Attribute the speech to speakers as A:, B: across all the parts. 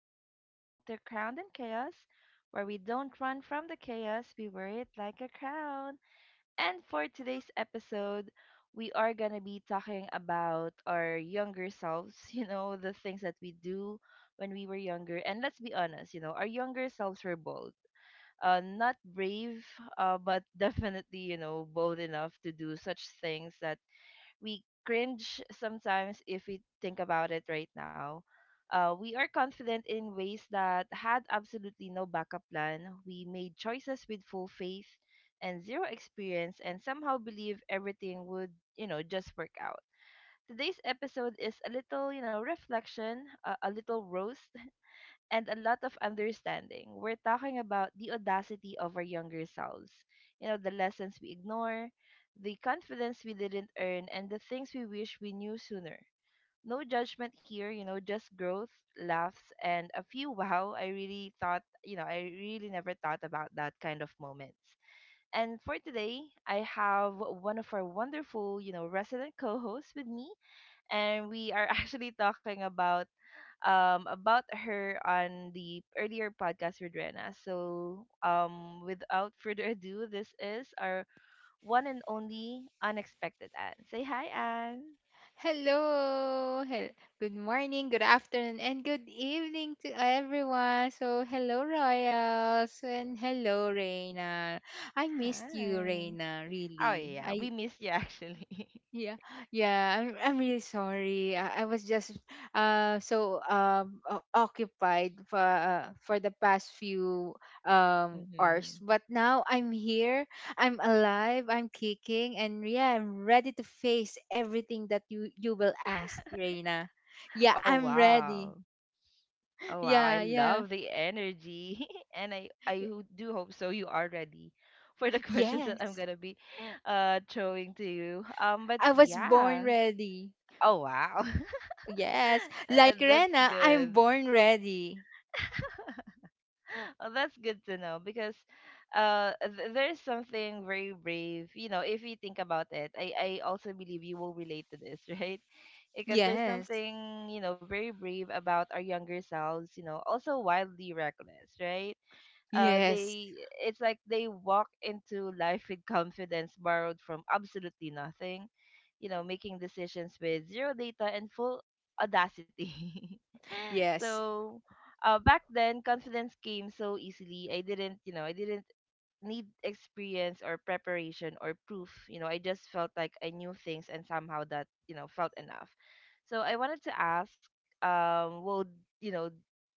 A: You're listening to Crowned in Chaos, where we don't run from the chaos, we wear it like a crown. And for today's episode, we are going to be talking about our younger selves, the things that we do when we were younger. And let's be honest, our younger selves were bold. Not brave, but definitely, bold enough to do such things that we cringe sometimes if we think about it right now. We are confident in ways that had absolutely no backup plan. We made choices with full faith and zero experience and somehow believe everything would, just work out. Today's episode is a little, reflection, a little roast, and a lot of understanding. We're talking about the audacity of our younger selves, the lessons we ignore, the confidence we didn't earn, and the things we wish we knew sooner. No judgment here, just growth, laughs, and a few wow. I really thought, I really never thought about that kind of moments. And for today, I have one of our wonderful, resident co hosts with me, and we are actually talking about about her on the earlier podcast with Rena. So without further ado, this is our one and only unexpected Anne. Say hi, Anne.
B: Hello. Good morning, good afternoon, and good evening to everyone. So, hello, Royals, and hello, Reina. I missed you,
A: Hi.
B: Reina,
A: Oh
B: really.
A: yeah, we
B: I
A: miss you actually.
B: Yeah, yeah. I'm really sorry. I was just so occupied for the past few hours,
A: Mm-hmm.
B: but now I'm here. I'm alive. I'm kicking, and yeah, I'm ready to face everything that you will ask, Reina. Yeah,
A: Oh
B: I'm
A: wow.
B: ready.
A: Oh wow, I
B: Yeah, yeah.
A: love the energy. And do hope so you are ready for the questions that I'm
B: Yes,
A: gonna be throwing to you. But
B: I was born
A: yeah.
B: ready.
A: Oh wow.
B: Yes, like
A: That's
B: Rena,
A: good.
B: I'm born ready.
A: Well, that's good to know because there's something very brave, if you think about it. I also believe you will relate to this, right? Because there's
B: Yes.
A: something, very brave about our younger selves, also wildly reckless, right?
B: Yes.
A: They It's like they walk into life with confidence borrowed from absolutely nothing, making decisions with zero data and full audacity.
B: Yes.
A: So back then, confidence came so easily. I didn't need experience or preparation or proof. You know, I just felt like I knew things and somehow that, felt enough. So I wanted to ask, um, we'll, you know,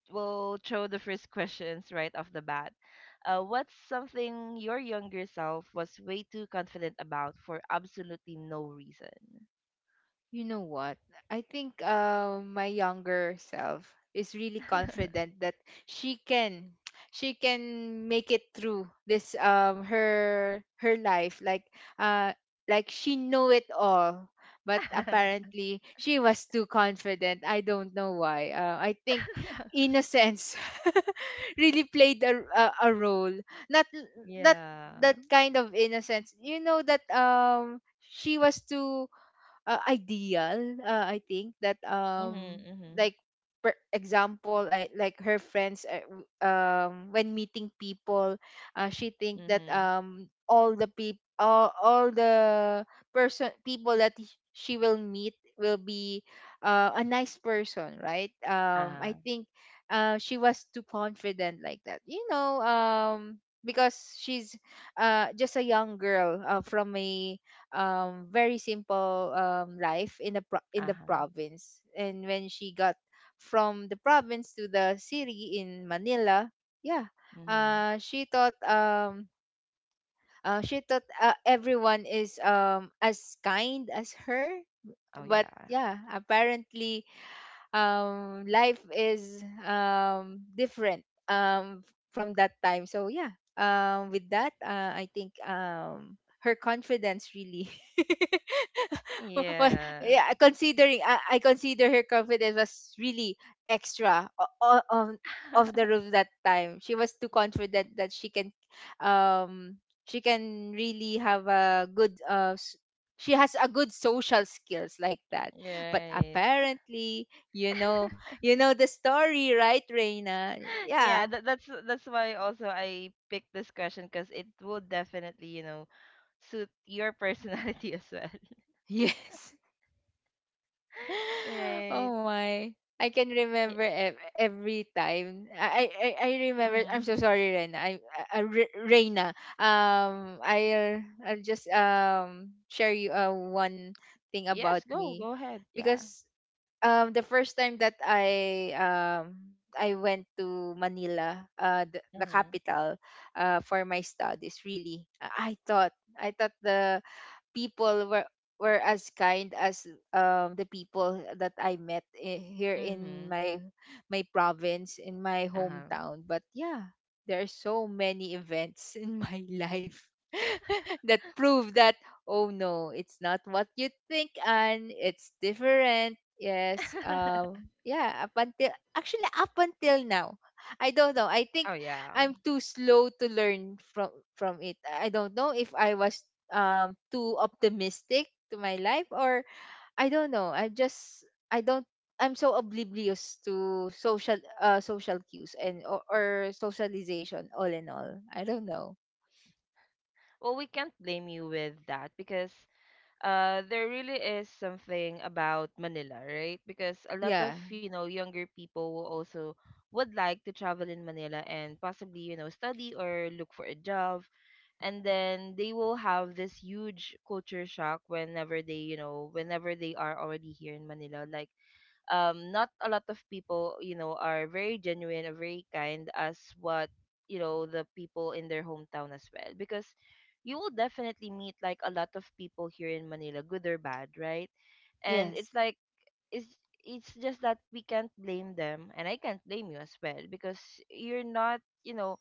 A: we'll throw the first questions right off the bat. What's something your younger self was way too confident about for absolutely no reason?
B: You know what? I think, my younger self is really confident that she can she can make it through this, her life, uh like she know it all. But apparently, she was too confident. I don't know why. I think innocence really played a role. Not that
A: Yeah.
B: that kind of innocence, you know, that, she was too, ideal. I think that,
A: Mm-hmm. Mm-hmm.
B: like, for example, like her friends, when meeting people, she think that,
A: Mm-hmm.
B: all the people all the person people that she will meet will be, a nice person, right?
A: Uh-huh.
B: I think, she was too confident like that, because she's, just a young girl, from a, very simple, life in the in the
A: Uh-huh.
B: province. And when she got from the province to the city in Manila, yeah.
A: Mm-hmm.
B: Uh she thought um uh, she thought uh, everyone is, as kind as her.
A: Oh
B: But
A: yeah.
B: yeah, apparently, life is, different, um from that time. So yeah, with that, I think, her confidence really... Well,
A: Yeah.
B: yeah, considering, I consider her confidence was really extra, on of the roof that time. She was too confident that um she can really have a good, she has a good social skills like that. But
A: Right.
B: apparently, you know, you know the story, right, Reina?
A: Yeah,
B: Yeah.
A: that's that's why also I picked this question because it will definitely, suit your personality as well.
B: Yes.
A: Right.
B: Oh my. I can
A: Yeah.
B: remember every time. I remember.
A: Mm-hmm.
B: I'm so sorry, Rena. Reina. I'll just share you, one thing about
A: Yes,
B: me,
A: go ahead. Yeah.
B: because, the first time that I went to Manila, the
A: Mm-hmm.
B: capital, for my studies, really. I thought the people were as kind as, the people that I met, here
A: Mm-hmm.
B: in my province, in my
A: Uh-huh.
B: hometown. But yeah, there are so many events in my life that prove that, oh no, it's not what you think, and it's different. Yes. Yeah, up until now. I don't know. I think
A: Oh yeah.
B: I'm too slow to learn from it. I don't know if I was, too optimistic to my life, or I don't know. I just, I don't, I'm so oblivious to social cues, and or socialization, all in all. I don't know.
A: Well, we can't blame you with that because there really is something about Manila, right? Because a lot
B: Yeah.
A: of, younger people will also would like to travel in Manila and possibly, study or look for a job. And then they will have this huge culture shock whenever they, whenever they are already here in Manila. Like not a lot of people you know are very genuine or very kind as what you know the people in their hometown as well, because you will definitely meet like a lot of people here in Manila, good or bad, right? And
B: Yes.
A: it's like it's it's just that we can't blame them, and I can't blame you as well because you're not, you know,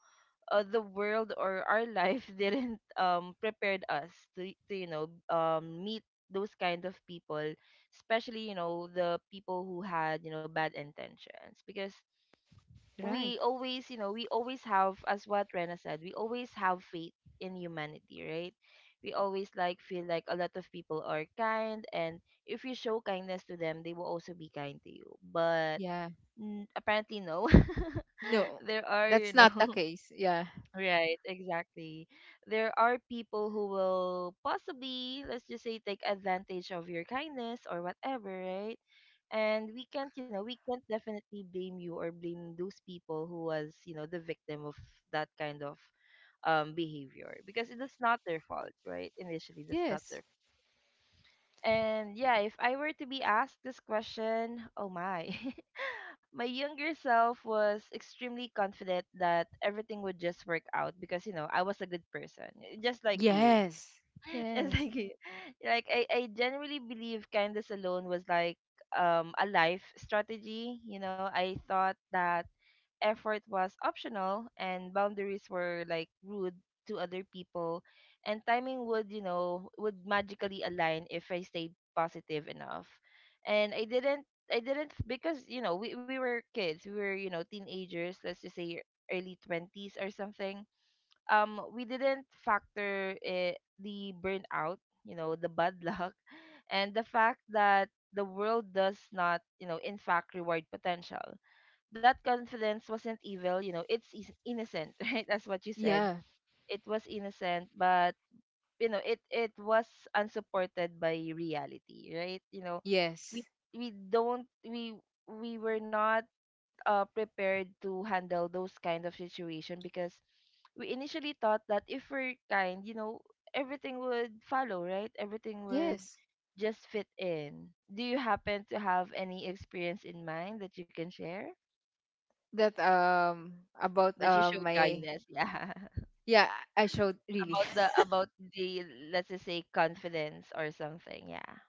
A: the world or our life didn't prepared us to you know meet those kind of people, especially you know the people who had you know bad intentions, because
B: Right.
A: we always have, as what Rena said, we always have faith in humanity, right? We always like feel like a lot of people are kind and if you show kindness to them, they will also be kind to you. But
B: Yeah.
A: apparently no.
B: No.
A: There are you
B: That's not the
A: know,
B: case. Yeah.
A: right, exactly. There are people who will possibly, let's just say, take advantage of your kindness or whatever, right? And we can't, we can't definitely blame you or blame those people who was, the victim of that kind of behavior, because it is not their fault, right? Initially, that's not
B: Yes.
A: their. And yeah, if I were to be asked this question, oh my. My younger self was extremely confident that everything would just work out, because you know I was a good person, eh, just like you,
B: Yes.
A: just
B: Yes.
A: like you. Like I genuinely believe kindness alone was like a life strategy. You know, I thought that effort was optional and boundaries were like rude to other people, and timing would you know would magically align if I stayed positive enough. And I didn't because you know we were kids, we were you know teenagers, let's just say early 20s or something. We didn't factor it, the burnout you know, the bad luck and the fact that the world does not you know in fact reward potential. That confidence wasn't evil, you know it's innocent. Right, that's what you said.
B: Yeah.
A: It was innocent, but you know it it was unsupported by reality, right? You know we
B: Yes.
A: we don't we were not prepared to handle those kind of situation, because we initially thought that if we're kind, you know, everything would follow, right? Everything would
B: Yes.
A: just fit in. Do you happen to have any experience in mind that you can share
B: That, about,
A: that you showed
B: my.
A: kindness, yeah?
B: Yeah, I showed, really.
A: About the about the, let's just say, confidence or something. Yeah.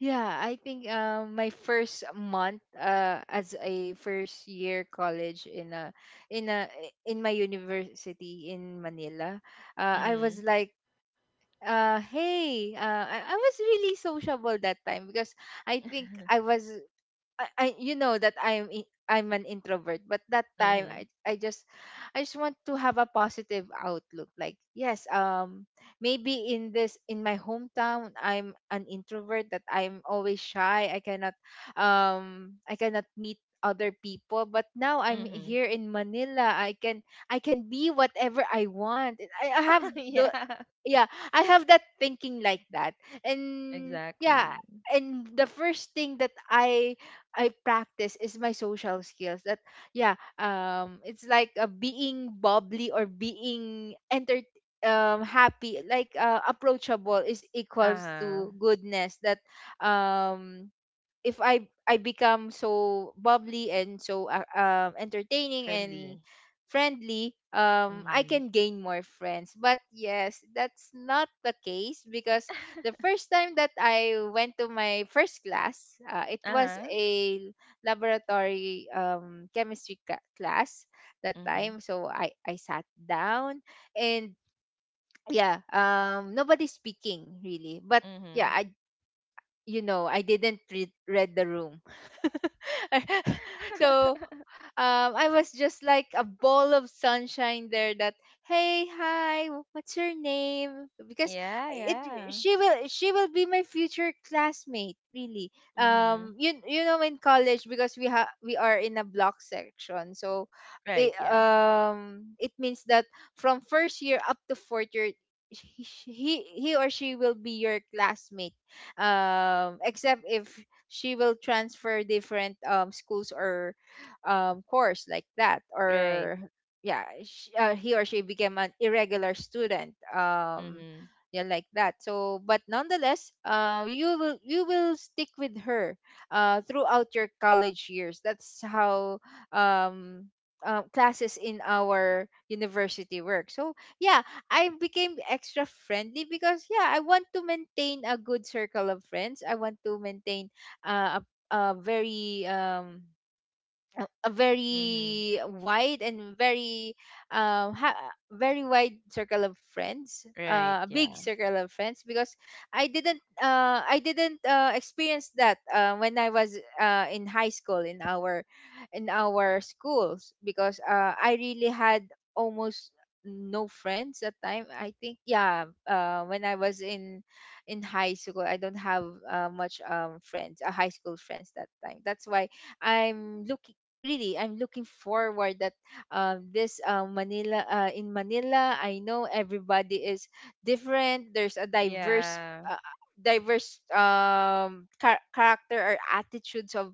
B: Yeah, I think, my first month, as a first year college in a in my university in Manila, I was
A: Mm-hmm.
B: like, hey, I was really sociable that time, because I think I you know that I'm an introvert. But that time,
A: Mm-hmm.
B: I just want to have a positive outlook. Like, yes, maybe in my hometown, I'm an introvert, that I'm always shy. I cannot meet other people, but now I'm
A: Mm-hmm.
B: here in Manila. I can be whatever I want. i, I have the
A: Yeah.
B: yeah i have that thinking like that. And yeah,
A: Exactly.
B: and the first thing that I practice is my social skills. That Yeah, it's like, being bubbly, or being, enter happy, like, approachable is equals
A: Uh-huh.
B: to goodness. That, um, if I become so bubbly and so, entertaining
A: Friendly.
B: and friendly, I
A: Mm-hmm.
B: can gain more friends. But yes, that's not the case, because the first time that I went to my first class, it was
A: Uh-huh.
B: a laboratory, chemistry class that
A: Mm-hmm.
B: time. So I sat down and yeah, nobody's speaking, really. But yeah,
A: Hmm.
B: I you know I didn't read the room. So, I was just like a ball of sunshine there. That "Hey, hi, what's your name?" Because,
A: Yeah,
B: I- it
A: yeah.
B: she will be my future classmate. Really,
A: Mm-hmm.
B: you know in college, because we are in a block section. So
A: Right,
B: it
A: yeah.
B: um it means that from first year up to fourth year. He, he he or she will be your classmate, except if she will transfer different, schools, or, course, like that.
A: Right.
B: Or yeah, sh he or she became an irregular student,
A: Mm-hmm.
B: yeah, like that. So, but nonetheless, you will stick with her, throughout your college years. That's how, um, classes in our university work. So yeah, I became extra friendly, because, yeah, I want to maintain a good circle of friends. I want to maintain, uh, a a very um a
A: Mm-hmm.
B: very wide, and um ha- very wide circle of friends,
A: Right,
B: a big
A: yeah.
B: circle of friends. Because I didn't experience that, when I was, in high school, in our schools, because, I really had almost no friends at time, I think. Yeah, when I was in high school, I don't have, much, friends, high school friends, that time. That's why I'm looking I'm looking forward that, this, Manila, in Manila, I know everybody is different. There's a
A: Yeah.
B: uh, diverse character, or attitudes of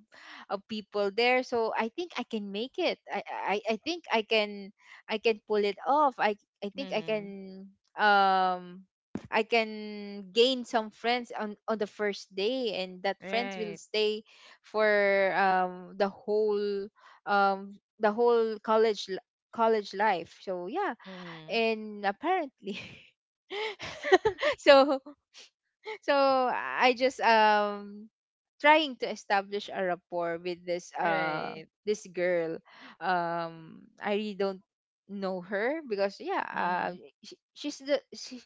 B: of people there. So I think I can make it. I think I can pull it off. I think i
A: Mm-hmm.
B: can um I can gain some friends on the first day, and that friends will
A: Right.
B: stay for, the whole college life. So yeah,
A: Mm-hmm.
B: and apparently... so so I just, trying to establish a rapport with this uh
A: Right.
B: this girl. I really don't know her, because, yeah,
A: Mm-hmm.
B: sh she's the she,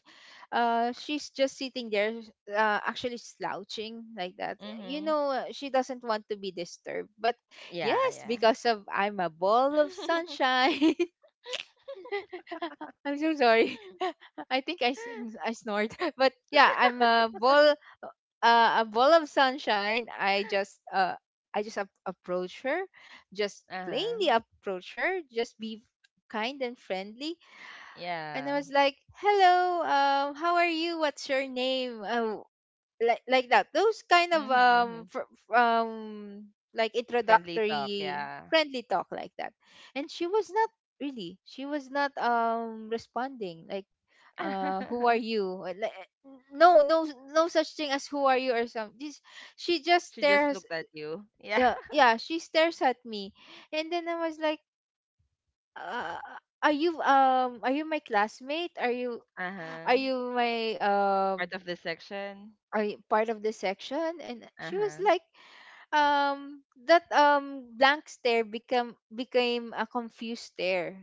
B: she's just sitting there, actually slouching like that. You
A: Mm-hmm.
B: know, she doesn't want to be disturbed. But
A: Yeah,
B: yes,
A: yeah.
B: because of, I'm a ball of sunshine. I'm so sorry. I think I snort. But yeah, I'm a ball of sunshine. I just approach her, just
A: Uh-huh.
B: plainly approach her, just be kind and friendly. And I
A: Yeah.
B: was like, "Hello, how are you? What's your name?" Like that, those kind of,
A: Mm-hmm, mm-hmm.
B: like
A: Friendly talk,
B: introductory
A: yeah.
B: friendly talk, like that. And she was not really, she was not, responding, like, who are you? No, no, no such thing as "who are you" or something. This, she just
A: She just
B: stares.
A: looked at you. Yeah.
B: Yeah, yeah, she stares at me. And then I was like, uh, are you, my classmate? are you are
A: Uh-huh.
B: you my um
A: Part of the section.
B: are y- part of the section? And she was
A: Uh-huh.
B: like, that, blank stare become became a confused stare.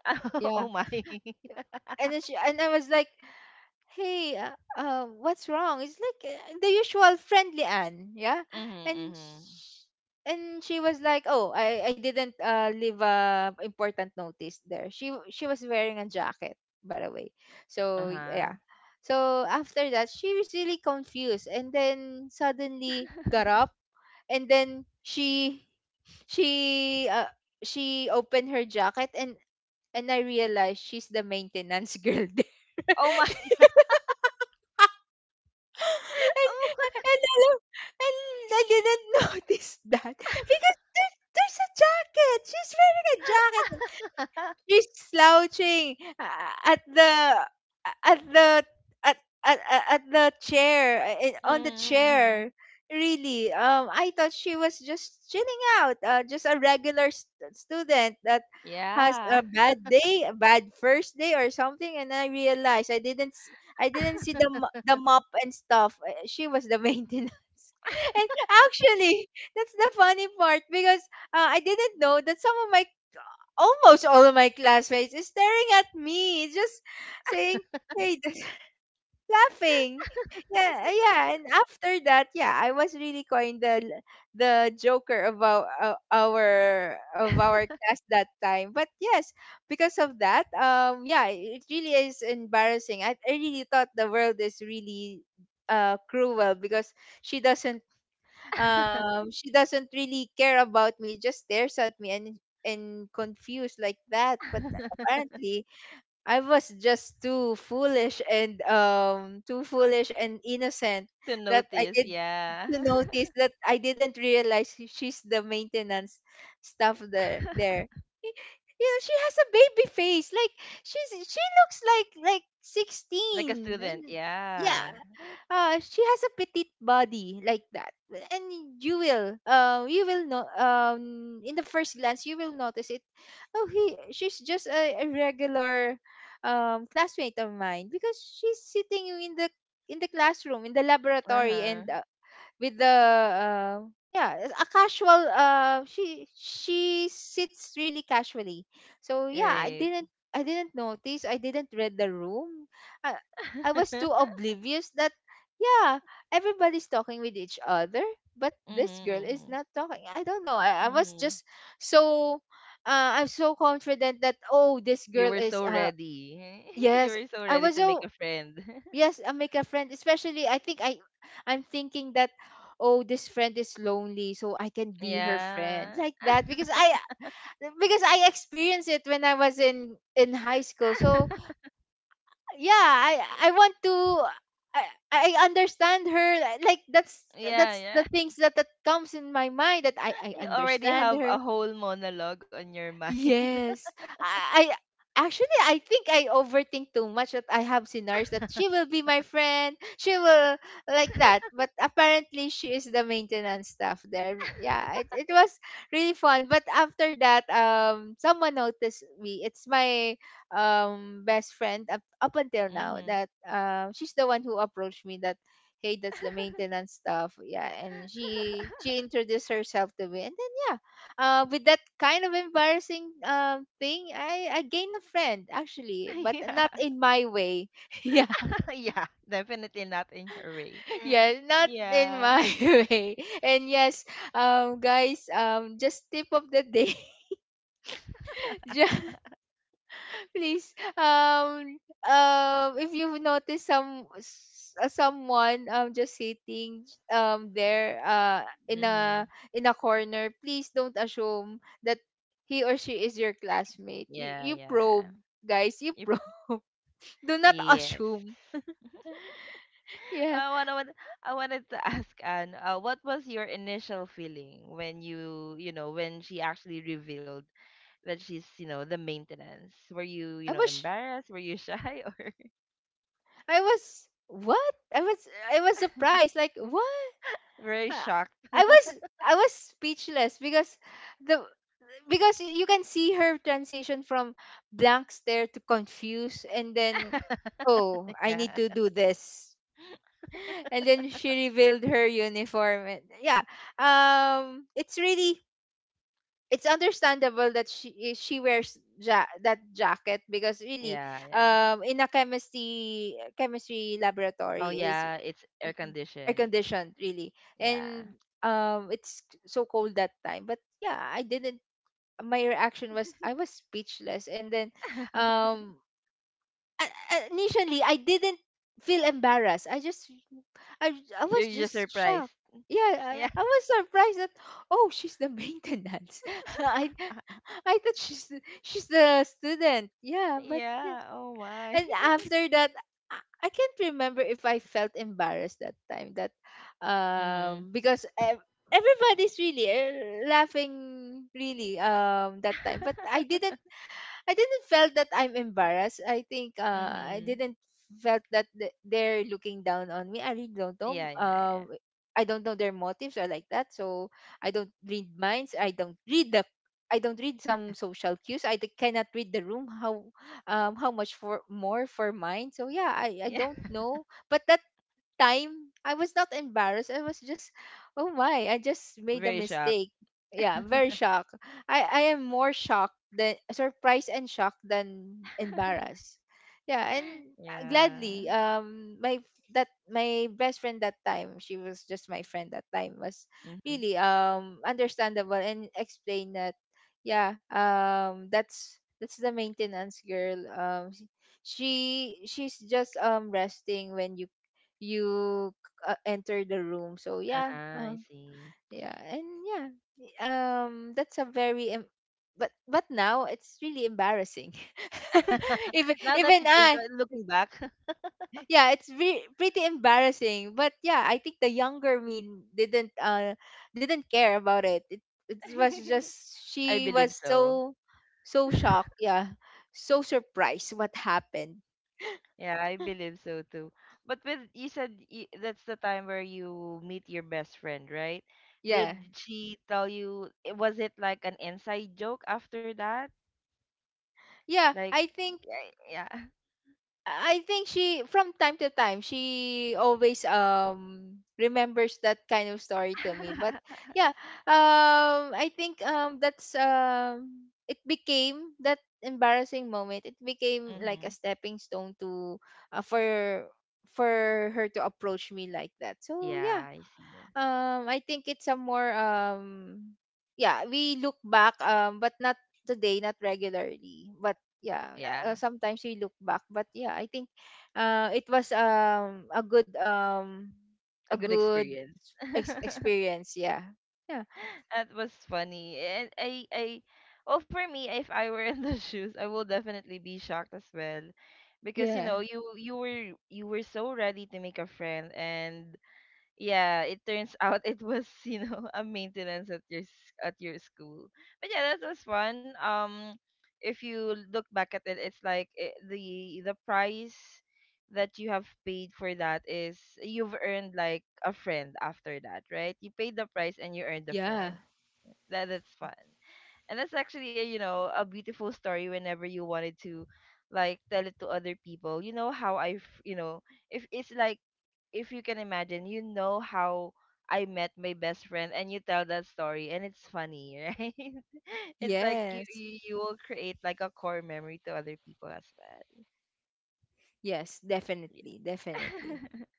A: Oh
B: Yeah,
A: my.
B: and then she, and I was like, "Hey, what's wrong?" It's like, the usual friendly Anne. Yeah.
A: Mm-hmm,
B: And
A: mm-hmm.
B: sh- and she was like, "Oh, I didn't, leave a important notice there." She was wearing a jacket, by the way. So
A: Uh-huh.
B: yeah. So after that, she was really confused, and then suddenly got up, and then she uh, she opened her jacket, and I realized she's the maintenance girl there.
A: Oh my.
B: And
A: Oh
B: and
A: my.
B: and alam, and I didn't notice that, because there's a jacket. She's wearing a jacket. She's slouching, at the, at the at at the chair, on the
A: Mm-hmm, mm-hmm.
B: chair. Really, I thought she was just chilling out, just a regular student that has
A: Yeah.
B: a bad day, a bad first day, or something. And I realized, I didn't see the mop and stuff. She was the maintenance. And actually, that's the funny part, because, I didn't know that some of my almost all of my classmates is staring at me, just saying, "Hey," laughing. Yeah, yeah. And after that, yeah, I was really kind, the joker of our of our class that time. But yes, because of that, yeah, it really is embarrassing. I really thought the world is really cruel because she doesn't she doesn't really care about me, just stares at me and confused like that. But apparently I was just too foolish and innocent
A: To
B: that I
A: notice,
B: did
A: yeah.
B: to notice that I didn't realize she's the maintenance staff there there. Y- You know, she has a baby face. Like she looks like
A: Like a
B: 16.
A: student,
B: Yeah.
A: yeah.
B: She has a petite body like that. And you will know, in the first glance you will notice it. Oh, he she's just a regular classmate of mine, because she's sitting in the classroom in the laboratory,
A: Uh-huh.
B: and with the yeah, a casual, she sits really casually. So yeah,
A: Right.
B: I didn't notice, I didn't read the room. i, I was too oblivious that yeah, everybody's talking with each other, but this girl
A: Mhm,
B: is
A: mhm.
B: not talking. I don't know. I was
A: Mhm.
B: just so, I'm so confident that oh, this
A: You
B: girl
A: were
B: is
A: so ready. You
B: Yes,
A: were so
B: I
A: ready
B: was
A: to make
B: so...
A: a friend.
B: Yes, I make a friend. Especially, I'm thinking that oh, this friend is lonely, so I can be her friend
A: Yeah.
B: like that, because I experienced it when I was in high school. So yeah, I want to. I, I understand her, like
A: Yeah,
B: that's
A: yeah.
B: the things that, that comes in my mind, that I
A: You already
B: understand
A: have
B: her.
A: a whole monologue on your mind.
B: Yes. I, I think I overthink too much, that I have scenarios that she will be my friend. She will, like that. But apparently she is the maintenance staff there. Yeah, it was really fun. But after that, someone noticed me. It's my best friend up until now,
A: Mhm.
B: that she's the one who approached me, that hey, that's the maintenance staff. Yeah, and she introduced herself to me, and then yeah, with that kind of embarrassing thing, I gained a friend actually, but
A: Yeah.
B: not in my way. Yeah,
A: Yeah, definitely not in your way.
B: yeah, not in
A: Yeah.
B: my way. And yes, guys, just tip of the day, just please if you've noticed someone just sitting there in a
A: Mhm.
B: corner, please don't assume that he or she is your classmate.
A: Yeah,
B: You
A: yeah.
B: probe, guys, you
A: You-
B: probe. Do not
A: yes.
B: assume. Yeah,
A: I wanna, I wanted to ask Anne, what was your initial feeling when you, when she actually revealed that she's, the maintenance? Were you,
B: i was
A: embarrassed? Were you shy or
B: I was what, I was surprised, like what.
A: very
B: Uh,
A: shocked?
B: I was... I was speechless, because the because you can see her transition from blank stare to confused, and then oh, I need
A: Yeah,
B: to do this. And then she revealed her uniform, and yeah, it's really... it's understandable that she wears that jacket, because really,
A: yeah, yeah.
B: in a chemistry
A: Oh
B: laboratory is
A: yeah, it's air
B: air
A: conditioned.
B: conditioned, really.
A: Yeah,
B: And it's so cold that time, but yeah, I didn't my reaction was I was speechless, and then um initially I didn't feel embarrassed, I I was
A: you're just
B: just
A: surprised.
B: shocked. Yeah,
A: Yeah,
B: I was surprised that oh, she's the maintenance. I I thought she's the student. Yeah, but yeah.
A: yeah. Oh my.
B: And after that, I, I can't remember if I felt embarrassed that time. That
A: Mhm.
B: um because ev- everybody's really laughing really that time, but I didn't felt that I'm embarrassed. I think I
A: Mhm.
B: didn't felt that they're looking down on me. I really don't know.
A: Yeah, yeah, yeah.
B: I don't know their motives or like that. So I don't read minds. I don't read the... I don't read some social cues. Cannot read the room. How much for more for mine? So yeah, I
A: Yeah.
B: don't know. But that time I was not embarrassed. I was just, oh my, I just made a
A: Very shocked.
B: mistake. Yeah, I'm very shocked. I am more shocked than surprised, and shocked than embarrassed. Yeah, and
A: Yeah.
B: gladly, my... that my best friend that time, she was just my friend that time, was
A: Mm-hmm.
B: really understandable, and explained that yeah, that's the maintenance girl. She's just resting when you enter the room. So yeah,
A: Uh-huh, I see.
B: yeah, and yeah, that's a very but now it's really embarrassing. Even
A: Now that you think,
B: I,
A: looking back,
B: yeah, pretty embarrassing. But yeah, I think the younger me didn't uh didn't care about it. It was just,
A: I
B: she
A: believe
B: was
A: so.
B: so, so shocked. Yeah, so surprised what happened.
A: Yeah, I believe so too. But with you said y that's the time where you meet your best friend, right? Did
B: Yeah,
A: she tell you? Was it like an inside joke after that?
B: yeah.
A: Like, yeah. Yeah.
B: I think she from time to time, she always remembers that kind of story to me. But yeah, I think that's it became that embarrassing moment. It became like a
A: Mm-hmm.
B: stepping stone to uh, for for her to approach me like that. So yeah,
A: Yeah, I see.
B: I think it's a more yeah, we look back but not today, not regularly. But yeah,
A: Yeah,
B: sometimes we look back. But yeah, I think it was a good
A: a
B: a
A: good
B: good
A: experience.
B: experience, yeah. Yeah.
A: That was funny. And I well for me, if I were in the shoes, I will definitely be shocked as well. Because you
B: Yeah.
A: know, you you were so ready to make a friend, and yeah, it turns out it was you know a maintenance at your at your school. But yeah, that was fun. If you look back at it, it's like eh, the price that you have paid for that is you've earned like a friend after that, right? You paid the price and you earned a
B: Yeah.
A: friend. That that's fun, and that's actually eh, you know a beautiful story. Whenever you wanted to, like, tell it to other people, you know how you know if it's like, if you can imagine, you know how I met my best friend, and you tell that story and it's funny, right? It's like
B: Yes.
A: you will create like a core memory to other people as well.
B: Yes,
A: Yeah.
B: definitely, definitely.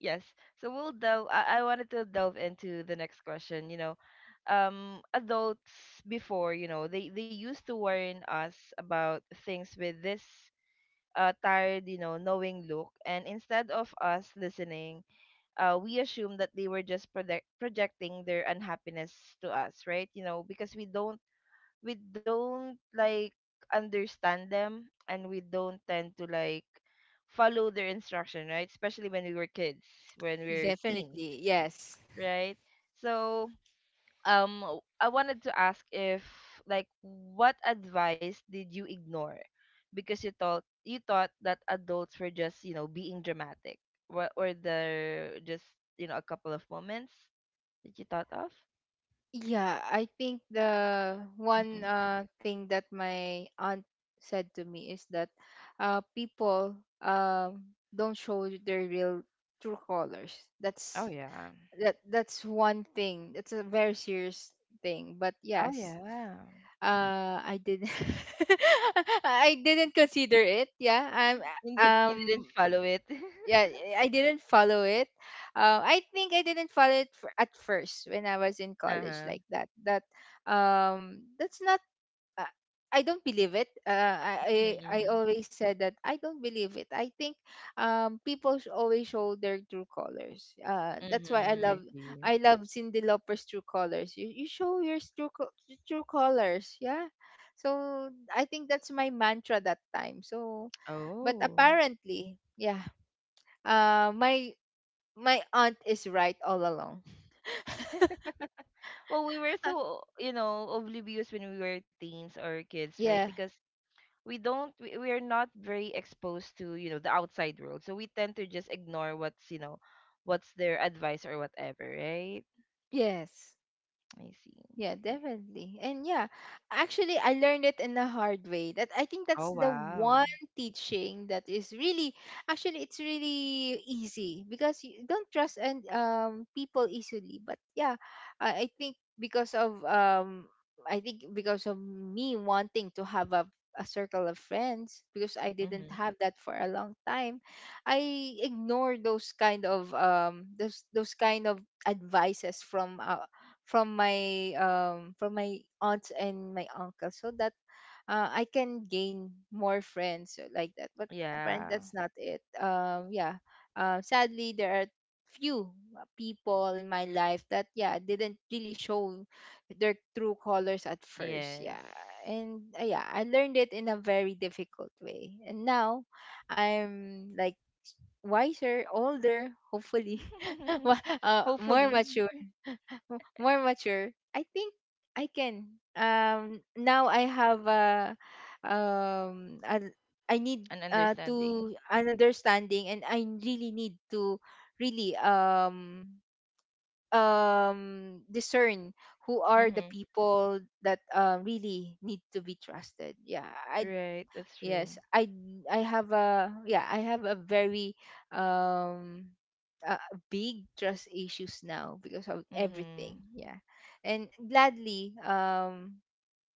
A: Yes. So we'll delve I wanted to delve into the next question, you know. Adults before, you know, they used to warn us about things with this tired, you know, knowing look, and instead of us listening, we assume that they were just projecting their unhappiness to us, right? You know, because we don't like understand them, and we don't tend to like follow their instruction, right? Especially when we were kids, when we were teens,
B: Definitely. Yes.
A: right? So I wanted to ask if, like, what advice did you ignore because you thought that adults were just, you know, being dramatic? What were they just, you know, a couple of moments that you thought of?
B: Yeah, I think the one
A: Hmm.
B: thing that my aunt said to me is that people um, don't show their real true colors. That's...
A: Oh, yeah.
B: that's one thing. That's a very serious thing. But
A: Oh,
B: yes,
A: yeah.
B: I didn't, I didn't consider it. Yeah,
A: You didn't
B: um
A: follow it.
B: yeah I didn't follow it. I didn't follow it f at first, when I was in college,
A: Uh-huh.
B: like that. That that's not uh, I don't believe it. I
A: Mm-hmm.
B: always said that I don't believe it. I think people always show their true colors. That's why I
A: Mm-hmm. I
B: love,
A: see.
B: I love Cindy Lauper's "True Colors." You show your true colors, yeah. So I think that's my mantra that time. So but
A: Oh.
B: apparently yeah, my... my aunt is right all along.
A: Well, we were so, you know, oblivious when we were teens or kids, right?
B: Yeah.
A: Because we don't we are not very exposed to, you know, the outside world, so we tend to just ignore what's, you know, what's their advice or whatever, right?
B: Yes.
A: I see.
B: Yeah, definitely. And yeah, actually, I learned it in a hard way. That I think
A: Oh,
B: that's the
A: wow.
B: one teaching that is really... actually, it's really easy because you don't trust and people easily. But yeah, I think because of I think because of me wanting to have a circle of friends, because I didn't
A: Mm-hmm.
B: have that for a long time, I ignored those kind of those kind of advices from from my aunts and my uncle, so that I can gain more friends, like that. But apparently
A: Yeah.
B: that's not it. Yeah. Sadly, there are few people in my life that yeah, didn't really show their true colors at first.
A: Yes.
B: Yeah, and yeah, I learned it in a very difficult way, and now I'm like wiser, older, hopefully, more
A: Hopefully.
B: mature, more mature. I think I can. Now I have a, um, a- I need
A: An understanding.
B: to an understanding, and I really need to really discern who are the
A: Mm-hmm.
B: people that really need to be trusted. Yeah, I...
A: Right, that's true.
B: Yes, I have a, yeah, I have a very um uh, big trust issues now because of
A: Mm-hmm.
B: everything. Yeah. And gladly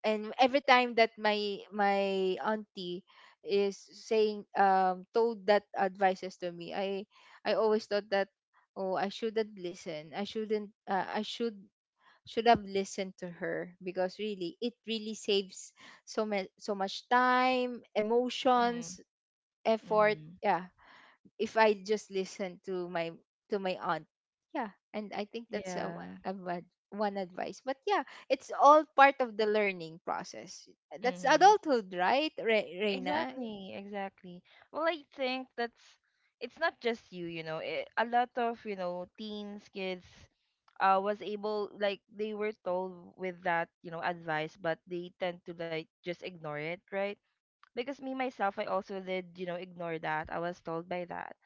B: and every time that my auntie is saying, told that advices to me, I always thought that oh, I shouldn't listen. I shouldn't I should have listened to her, because really it really saves so much, so much time,
A: Mm-hmm.
B: emotions, effort,
A: Mm-hmm.
B: yeah, if I just listen to my aunt. Yeah, and I think that's
A: Yeah.
B: a one advice. But yeah, it's all part of the learning process. That's
A: Mm-hmm.
B: adulthood, right, Reina?
A: Exactly, exactly. Well, I think that's, it's not just you, you know. It, a lot of, you know, teens, kids was able, like, they were told with that, you know, advice, but they tend to, like, just ignore it, right? Because me myself, I also did, you know, ignore that. I was told by that.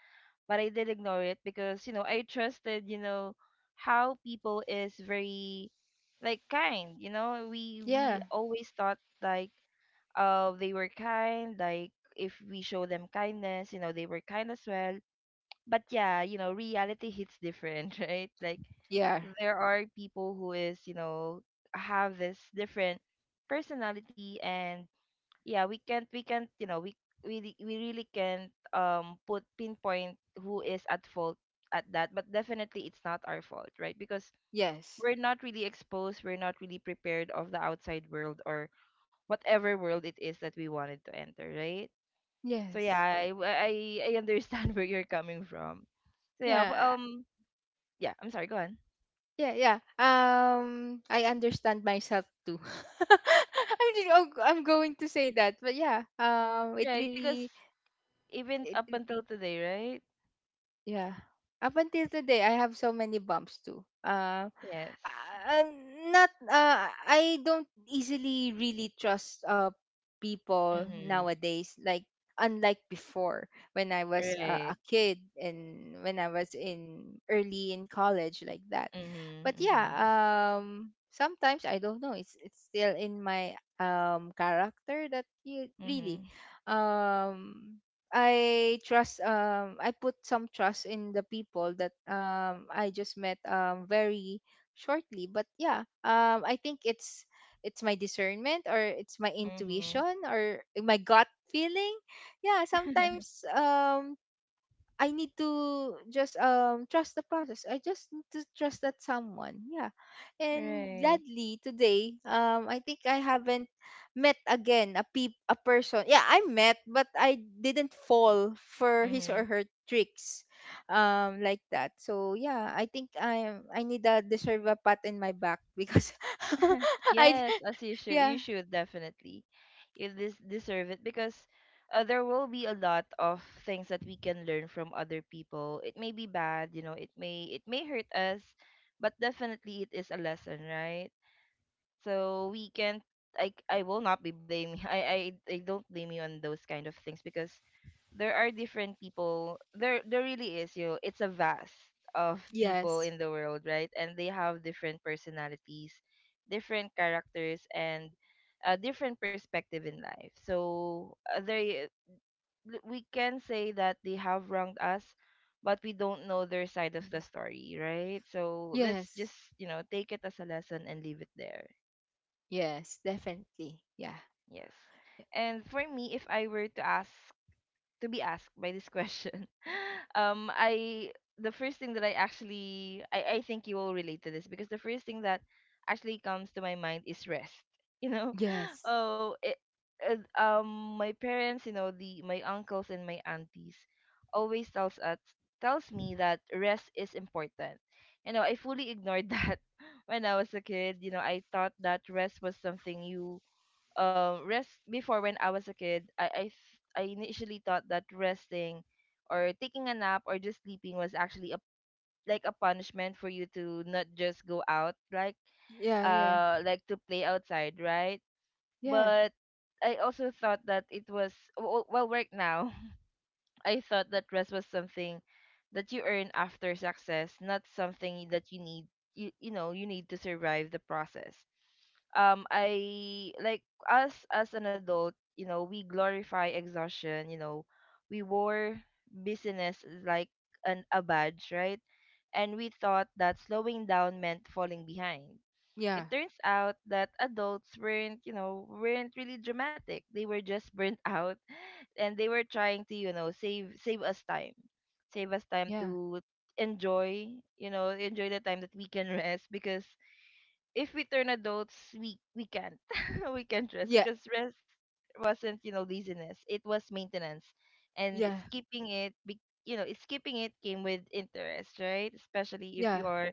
A: But I did ignore it because, you know, I trusted, you know, how people is very, like, kind, you know. We
B: Yeah.
A: always thought, like, they were kind, like if we show them kindness, you know, they were kind as well. But yeah, you know, reality hits different, right? Like,
B: Yeah.
A: there are people who is, you know, have this different personality and yeah, we can't, you know, we really can't put pinpoint who is at fault at that, but definitely it's not our fault, right? Because
B: Yes.
A: we're not really prepared of the outside world or whatever world it is that we wanted to enter, right? So yeah,
B: Yes.
A: I understand where you're coming from. so yeah f-
B: Yeah.
A: um yeah, I'm sorry, go on.
B: Yeah, yeah. I understand myself too. I'm just, oh, I'm going to say that, but yeah. It
A: Right, because
B: really...
A: even
B: it
A: up
B: re-
A: until today, right?
B: yeah. Up until today, I have so many bumps too.
A: Yes.
B: Uh, not I don't easily really trust people
A: Mm-hmm.
B: nowadays, like unlike before, when I was
A: Right.
B: a kid, and when I was in early in college, like that. But yeah,
A: Mm-hmm.
B: sometimes I don't know, it's still in my character that you
A: Mm-hmm.
B: really
A: Mm-hmm.
B: um I trust, I put some trust in the people that I just met very shortly. But yeah, I think it's my discernment, or it's my
A: Mm-hmm.
B: intuition, or my gut feeling. Yeah, sometimes I need to just trust the process. I just need to trust that someone. Yeah. And
A: Right.
B: gladly today, I think I haven't met again a person. Yeah, I met, but I didn't fall for his
A: Mm-hmm.
B: or her tricks like that. So yeah, I think I need a deserve a pat in my back, because I...
A: Yes, as you should.
B: yeah.
A: You should definitely. You this deserve it because there will be a lot of things that we can learn from other people. It may be bad, you know. It may hurt us, but definitely it is a lesson, right? So we can't, I will not be blaming. I don't blame you on those kind of things because there are different people, there really is, you know, it's a vast of people
B: Yes.
A: in the world, right? And they have different personalities, different characters, and a different perspective in life, so we can say that they have wronged us, but we don't know their side of the story, right? So let's
B: Yes.
A: just, you know, take it as a lesson and leave it there.
B: Yes, definitely. Yeah.
A: Yes. And for me, if I were to ask to be asked by this question, I, the first thing that I actually, I think you will relate to this because the first thing that actually comes to my mind is rest. You know,
B: Yes.
A: oh, it, my parents, you know, the my uncles and my aunties always tells us, tells me that rest is important. You know, I fully ignored that when I was a kid. You know, I thought that rest was something you rest, before when I was a kid, I initially thought that resting or taking a nap or just sleeping was actually a, like a punishment for you to not just go out,
B: Yeah, yeah.
A: like to play outside, right?
B: Yeah,
A: But I also thought that it was well, right now, I thought that rest was something that you earn after success, not something that you need, you know, you need to survive the process. I like Us as an adult, you know, we glorify exhaustion, you know. We wore business like an a badge, right? And we thought that slowing down meant falling behind.
B: yeah,
A: It turns out that adults weren't, you know, weren't really dramatic. They were just burnt out, and they were trying to, you know, save us time. Save us time
B: yeah,
A: to enjoy, you know, enjoy the time that we can rest because if we turn adults, we can't we can't rest
B: yeah,
A: because rest wasn't, you know, laziness. It was maintenance, and
B: yeah,
A: it's keeping it. You know, it's keeping it came with interest, right? Especially if you
B: yeah.
A: are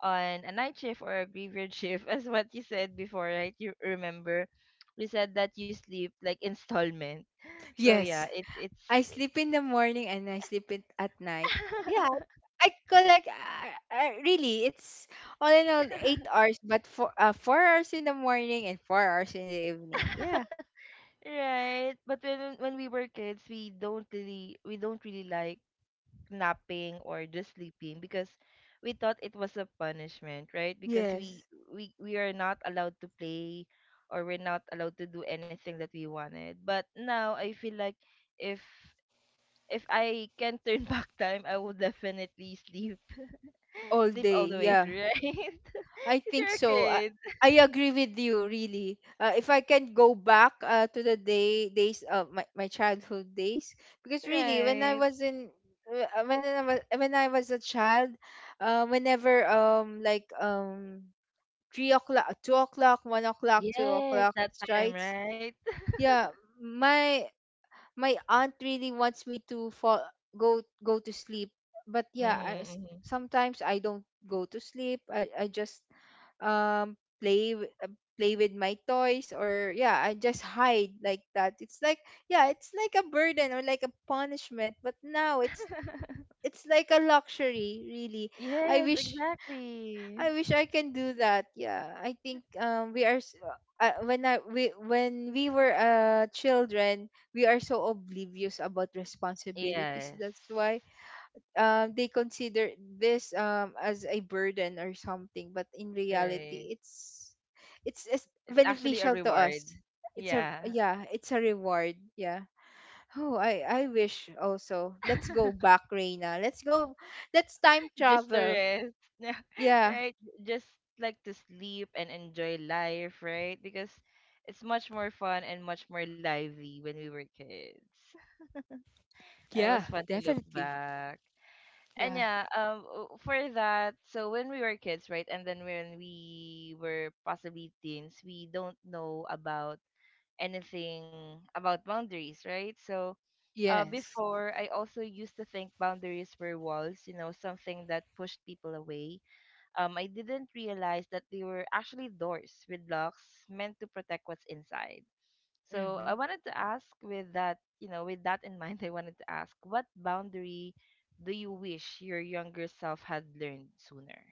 A: on a night shift or a graveyard shift, as what you said before, right? You remember, we said that you sleep like installment. So yeah,
B: Yes, I
A: it's
B: sleep in the morning and I sleep it at night. Yeah, I collect. Really, it's all in all 8 hours, but for 4 hours in the morning and 4 hours in the evening. Yeah.
A: right. But when we were kids, we don't really like napping or just sleeping because we thought it was a punishment, right? Because we
B: Yes,
A: we we are not allowed to play or we're not allowed to do anything that we wanted. But now I feel like, if if I can turn back time, I would definitely sleep.
B: all
A: Sleep
B: day.
A: all the way
B: Yeah.
A: through, right?
B: I
A: Because
B: think
A: you're a
B: so. I,
A: kid.
B: I agree with you, really. If I can go back to the days of my childhood days, because really, when I
A: Right.
B: was in when I was a child, whenever like 3 o'clock, 2 o'clock, 1 o'clock, two
A: Yes,
B: o'clock
A: that time,
B: strikes,
A: right?
B: yeah, my my aunt really wants me to fall go to sleep, but yeah, I s
A: Mm-hmm.
B: sometimes I don't go to sleep. I just play play with my toys, or yeah, I just hide like that. It's like yeah it's like a burden or like a punishment, but now it's like a luxury, really. i
A: Yes,
B: wish
A: exactly.
B: I wish I can do that. Yeah, I think we are when I we when we were children, we are so oblivious about responsibilities.
A: Yes.
B: That's why they consider this as a burden or something, but in
A: Right.
B: reality, it's
A: It's actually a
B: beneficial to
A: reward.
B: us. It's a
A: Yeah.
B: Yeah, it's a reward. Yeah. Oh, I wish also. Let's go back, Reina. Let's go. Let's time
A: Just to
B: travel.
A: rest. Yeah.
B: Yeah.
A: Right? Just like to sleep and enjoy life, right? Because it's much more fun and much more lively when we were kids. It
B: Yeah,
A: was fun to look
B: definitely.
A: back.
B: Yeah.
A: For that, so when we were kids, right? And then when we were possibly teens, we don't know about anything about boundaries, right? So
B: Yes.
A: before I also used to think boundaries were walls, you know, something that pushed people away. I didn't realize that they were actually doors with locks meant to protect what's inside. So I
B: Mm-hmm.
A: wanted to ask, with that, you know, with that in mind, I wanted to ask, what boundary do you wish your younger self had learned sooner?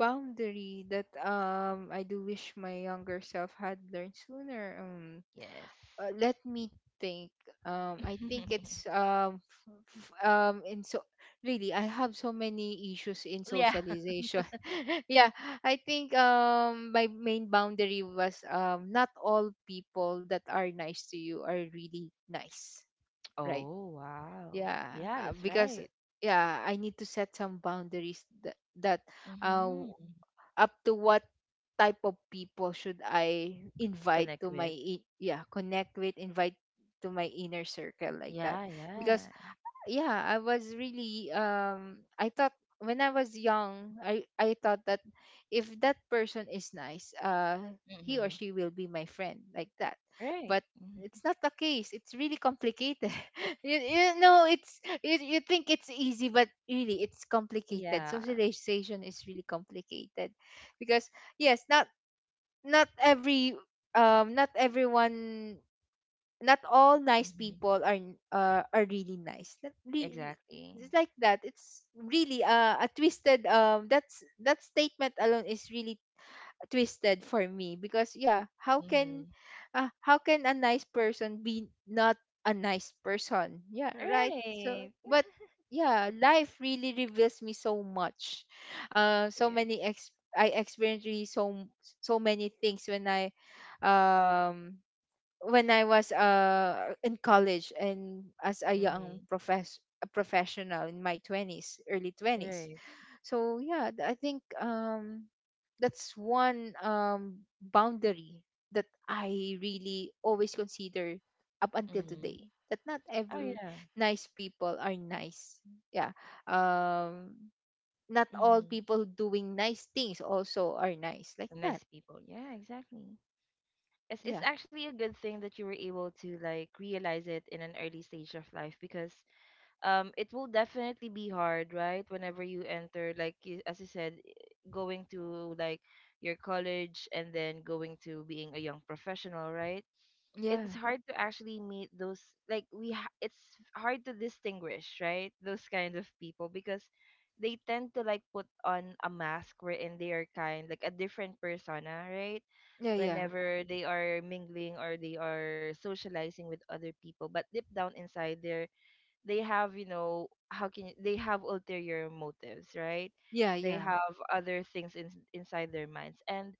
B: Boundary that I do wish my younger self had learned sooner.
A: Yes.
B: Let me think. I think it's f- f- in so really, I have so many issues in
A: Yeah.
B: socialization. Yeah, I think my main boundary was not all people that are nice to you are really nice, right?
A: Oh, wow.
B: Yeah.
A: Yeah, that's
B: Because
A: right.
B: yeah, I need to set some boundaries, that, that uh,
A: Mm-hmm.
B: up to what type of people should I invite
A: Connect
B: to my
A: with.
B: I- yeah, connect with, invite to my inner circle, like that.
A: Yeah,
B: Because
A: yeah.
B: yeah, I was really I thought, when I was young, I thought that, if that person is nice, he or
A: Mm-hmm.
B: she will be my friend, like that.
A: Right.
B: But
A: Mhm.
B: it's not the case. It's really complicated. You know it's you think it's easy, but really, it's complicated.
A: Yeah.
B: Socialization is really complicated, because yes, not every, not everyone, not all nice
A: Hmm.
B: people are are really nice. Not
A: Exactly.
B: it's like that. It's really a twisted that statement alone is really twisted for me, because yeah,
A: Mm-hmm.
B: how can a nice person be not a nice person? Yeah, right? So
A: Right.
B: but yeah, life really reveals me so much. So
A: Yes.
B: many ex I experienced, really, so many things um when I was in college and as a young
A: Mm-hmm.
B: profess a professional in my 20s, early 20s.
A: Right.
B: So yeah, I think that's one boundary that I really always consider up until
A: Mm-hmm.
B: today. That not
A: Oh
B: every
A: yeah.
B: nice people are nice. Yeah. Um Not all
A: Mm-hmm.
B: people doing nice things also are nice, like that.
A: Nice people. Yeah, exactly. It's
B: Yeah.
A: actually a good thing that you were able to like realize it in an early stage of life because it will definitely be hard, right? Whenever you enter, like, as you said, going to, like, your college and then going to being a young professional, right? It's
B: Yeah.
A: hard to actually meet those, like, it's hard to distinguish, right, those kind of people because they tend to like put on a mask wherein they are kind, like a different persona, right,
B: Yeah, yeah.
A: whenever they are mingling or they are socializing with other people, but deep down inside they have, you know, how can you, they have ulterior motives, right?
B: Yeah,
A: They
B: yeah.
A: have other things inside their minds, and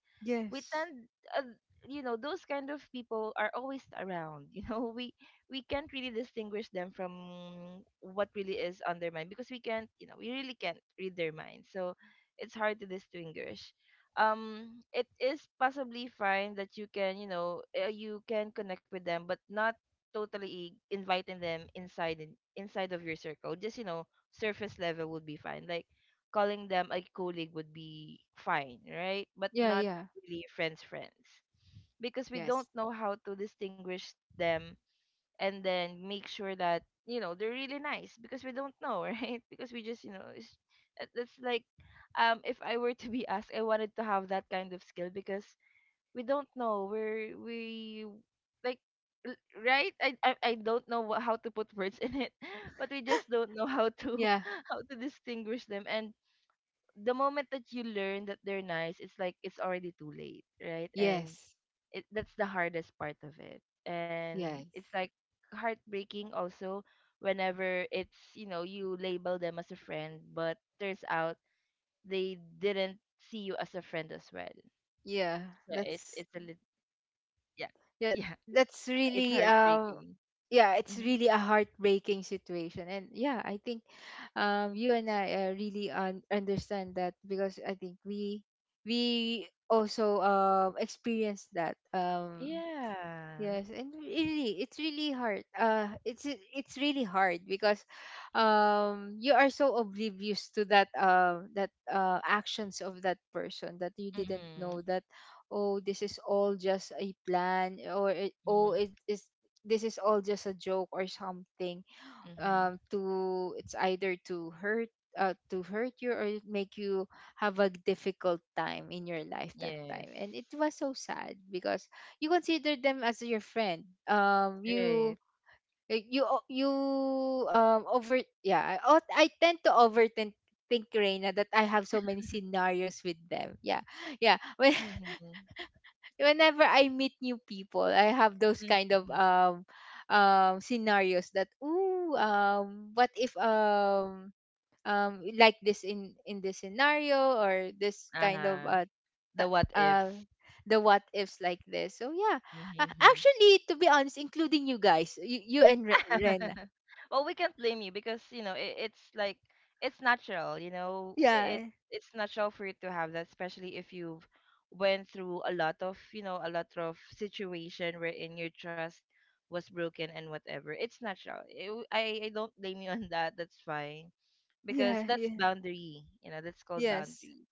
A: we
B: Yes.
A: tend, uh, you know, those kind of people are always around, you know, we can't really distinguish them from what really is on their mind because we can't, you know, we really can't read their mind, so it's hard to distinguish. It is possibly fine that you can, you know, you can connect with them, but not totally inviting them inside, inside of your circle, just, you know, surface level would be fine, like calling them a colleague would be fine, right? But
B: Yeah,
A: not
B: yeah.
A: really friends, because we
B: Yes.
A: don't know how to distinguish them and then make sure that, you know, they're really nice, because we don't know, right? Because we just, you know, it's, it- it's like, if I were to be asked, I wanted to have that kind of skill because we don't know where we, like, l- right, I don't know how to put words in it, but we just don't know how to
B: Yeah.
A: how to distinguish them, and the moment that you learn that they're nice, it's like it's already too late, right? And
B: Yes.
A: it, that's the hardest part of it, and
B: Yes.
A: it's like heartbreaking also, whenever it's, you know, you label them as a friend, but turns out they didn't see you as a friend as well.
B: Yeah.
A: So
B: That's
A: yeah,
B: Yeah,
A: yeah,
B: that's
A: it's
B: really
A: heartbreaking.
B: yeah, it's
A: Hmm.
B: really a heartbreaking situation. And yeah, I think you and I, really understand that, because I think we also experienced that.
A: Yeah.
B: Yes, and really, it's really hard. It's it's really hard because, you are so oblivious to that actions of that person, that you didn't know
A: Mm-hmm.
B: that, oh, this is all just a plan, oh,
A: Mm-hmm.
B: it is this is all just a joke or something,
A: Mm-hmm.
B: to it's either to hurt you, or make you have a difficult time in your life that
A: Yes.
B: time. And it was so sad because you consider them as your friend.
A: Right.
B: You like, you over yeah, I tend to overthink think Reina, that I have so many scenarios with them. Yeah. Yeah.
A: Mm-hmm.
B: Whenever I meet new people, I have those kind
A: Mm-hmm.
B: of scenarios that, ooh, what if like this, in this scenario, or this kind of
A: Uh-huh. The
B: ta-
A: what
B: uh
A: ifs.
B: the what ifs, like this. So yeah,
A: Mm-hmm.
B: actually, to be honest, including you guys, you and Ren.
A: Well, we can't blame you because, you know, it, it's like it's natural. You know, it,
B: Yeah,
A: it's natural for you to have that, especially if you've went through a lot of, you know, a lot of situation wherein your trust was broken and whatever. It's natural. It, I don't blame you on that. That's fine because
B: yeah,
A: that's
B: yeah.
A: boundary. You know, that's called
B: Yes.
A: boundaries.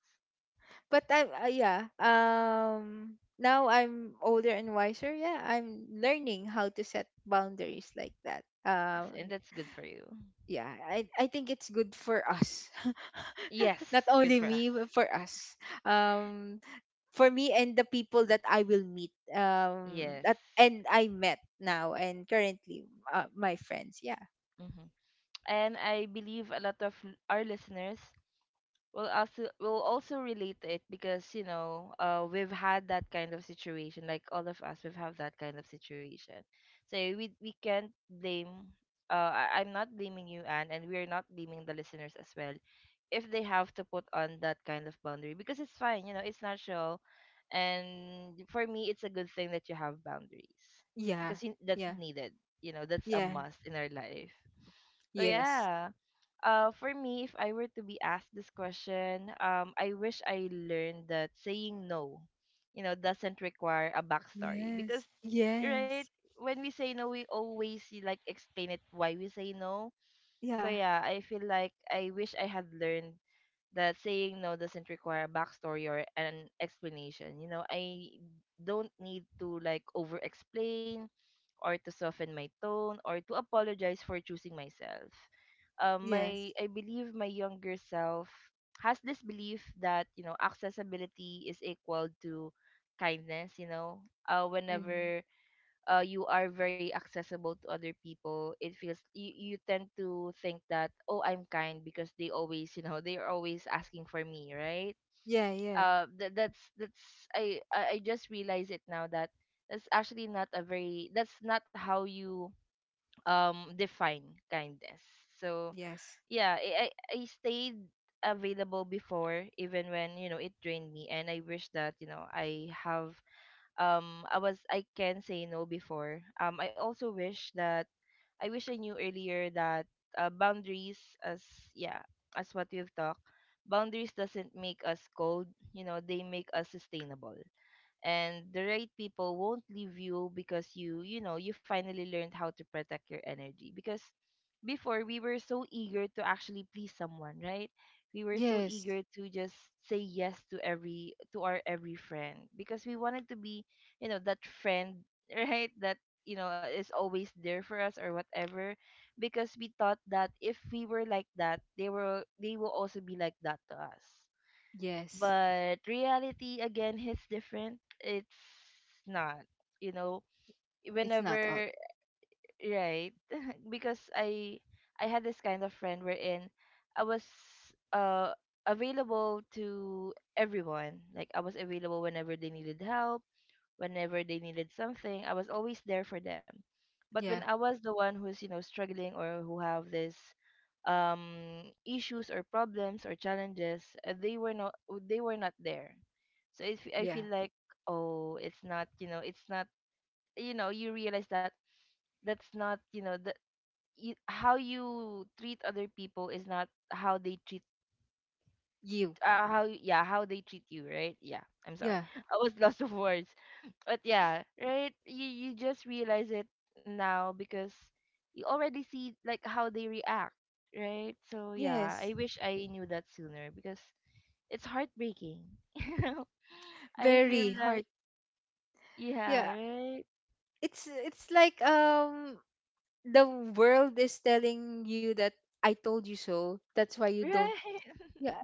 B: But I'm yeah. Now I'm older and wiser. Yeah, I'm learning how to set boundaries like that.
A: Yes, and that's good for you.
B: Yeah, I think it's good for us. Not
A: Yes, good
B: only
A: for us.
B: me, but for us. Um for me and the people that I will meet.
A: Yes.
B: That and I met now and currently, my friends. Yeah.
A: Hmm. And I believe a lot of our listeners we'll also relate it because you know we've had that kind of situation, like all of us we've had that kind of situation, so we can't blame. I'm not blaming you, Anne, and we're not blaming the listeners as well if they have to put on that kind of boundary because it's fine, you know, it's natural. And for me, it's a good thing that you have boundaries
B: Yeah.
A: because you, that's
B: Yeah.
A: needed, you know, that's a
B: Yeah.
A: must in our life. So
B: Yes.
A: yeah. For me, if I were to be asked this question, I wish I learned that saying no, you know, doesn't require a backstory because,
B: Yes.
A: right,
B: Yes.
A: when we say no, we always like explain it why we say no. So
B: Yeah.
A: yeah, I feel like I wish I had learned that saying no doesn't require a backstory or an explanation. You know, I don't need to like over explain or to soften my tone or to apologize for choosing myself.
B: Yes.
A: My I believe my younger self has this belief that you know accessibility is equal to kindness. You know,
B: Mm.
A: whenever you are very accessible to other people, it feels you, you tend to think that oh, I'm kind because they always, you know, they're always asking for me, right?
B: Yeah, yeah.
A: Uh that, that's that's I, I i just realize it now that that's actually not a very, that's not how you define kindness. So
B: Yes.
A: yeah. I I stayed available before even when you know it drained me, and I wish that, you know, I have I was I can say no before. I also wish that I wish I knew earlier that boundaries as, yeah, as what we've talked, boundaries doesn't make us cold, you know, they make us sustainable. And the right people won't leave you because you know, you finally learned how to protect your energy because before we were so eager to actually please someone, right? We were so
B: Yes.
A: eager to just say yes to every, to our every friend because we wanted to be, you know, that friend, right? That, you know, is always there for us or whatever because we thought that if we were like that, they were, they will also be like that to us.
B: Yes.
A: But reality again hits different. It's not, you know,
B: It's not all.
A: whenever, right. Because I had this kind of friend wherein I was uh available to everyone, like I was available whenever they needed help, whenever they needed something, I was always there for them. But when
B: Yeah.
A: I was the one who's, you know, struggling or who have this issues or problems or challenges, they were not, they were not there. So if I
B: Yeah.
A: feel like, oh, it's not, you know, it's not, you know, you realize that that's not, you know, the you, how you treat other people is not how they treat,
B: You.
A: yeah, how they treat you, right? Yeah, I'm sorry.
B: Yeah.
A: I was lost of words, but yeah, right, you just realize it now because you already see like how they react, right? So yeah,
B: Yes.
A: I wish I knew that sooner because it's heartbreaking. You know, I feel
B: Very
A: like,
B: hard.
A: yeah,
B: Yeah.
A: right.
B: It's like the world is telling you that, I told you so. That's why you
A: Right.
B: don't— Yeah.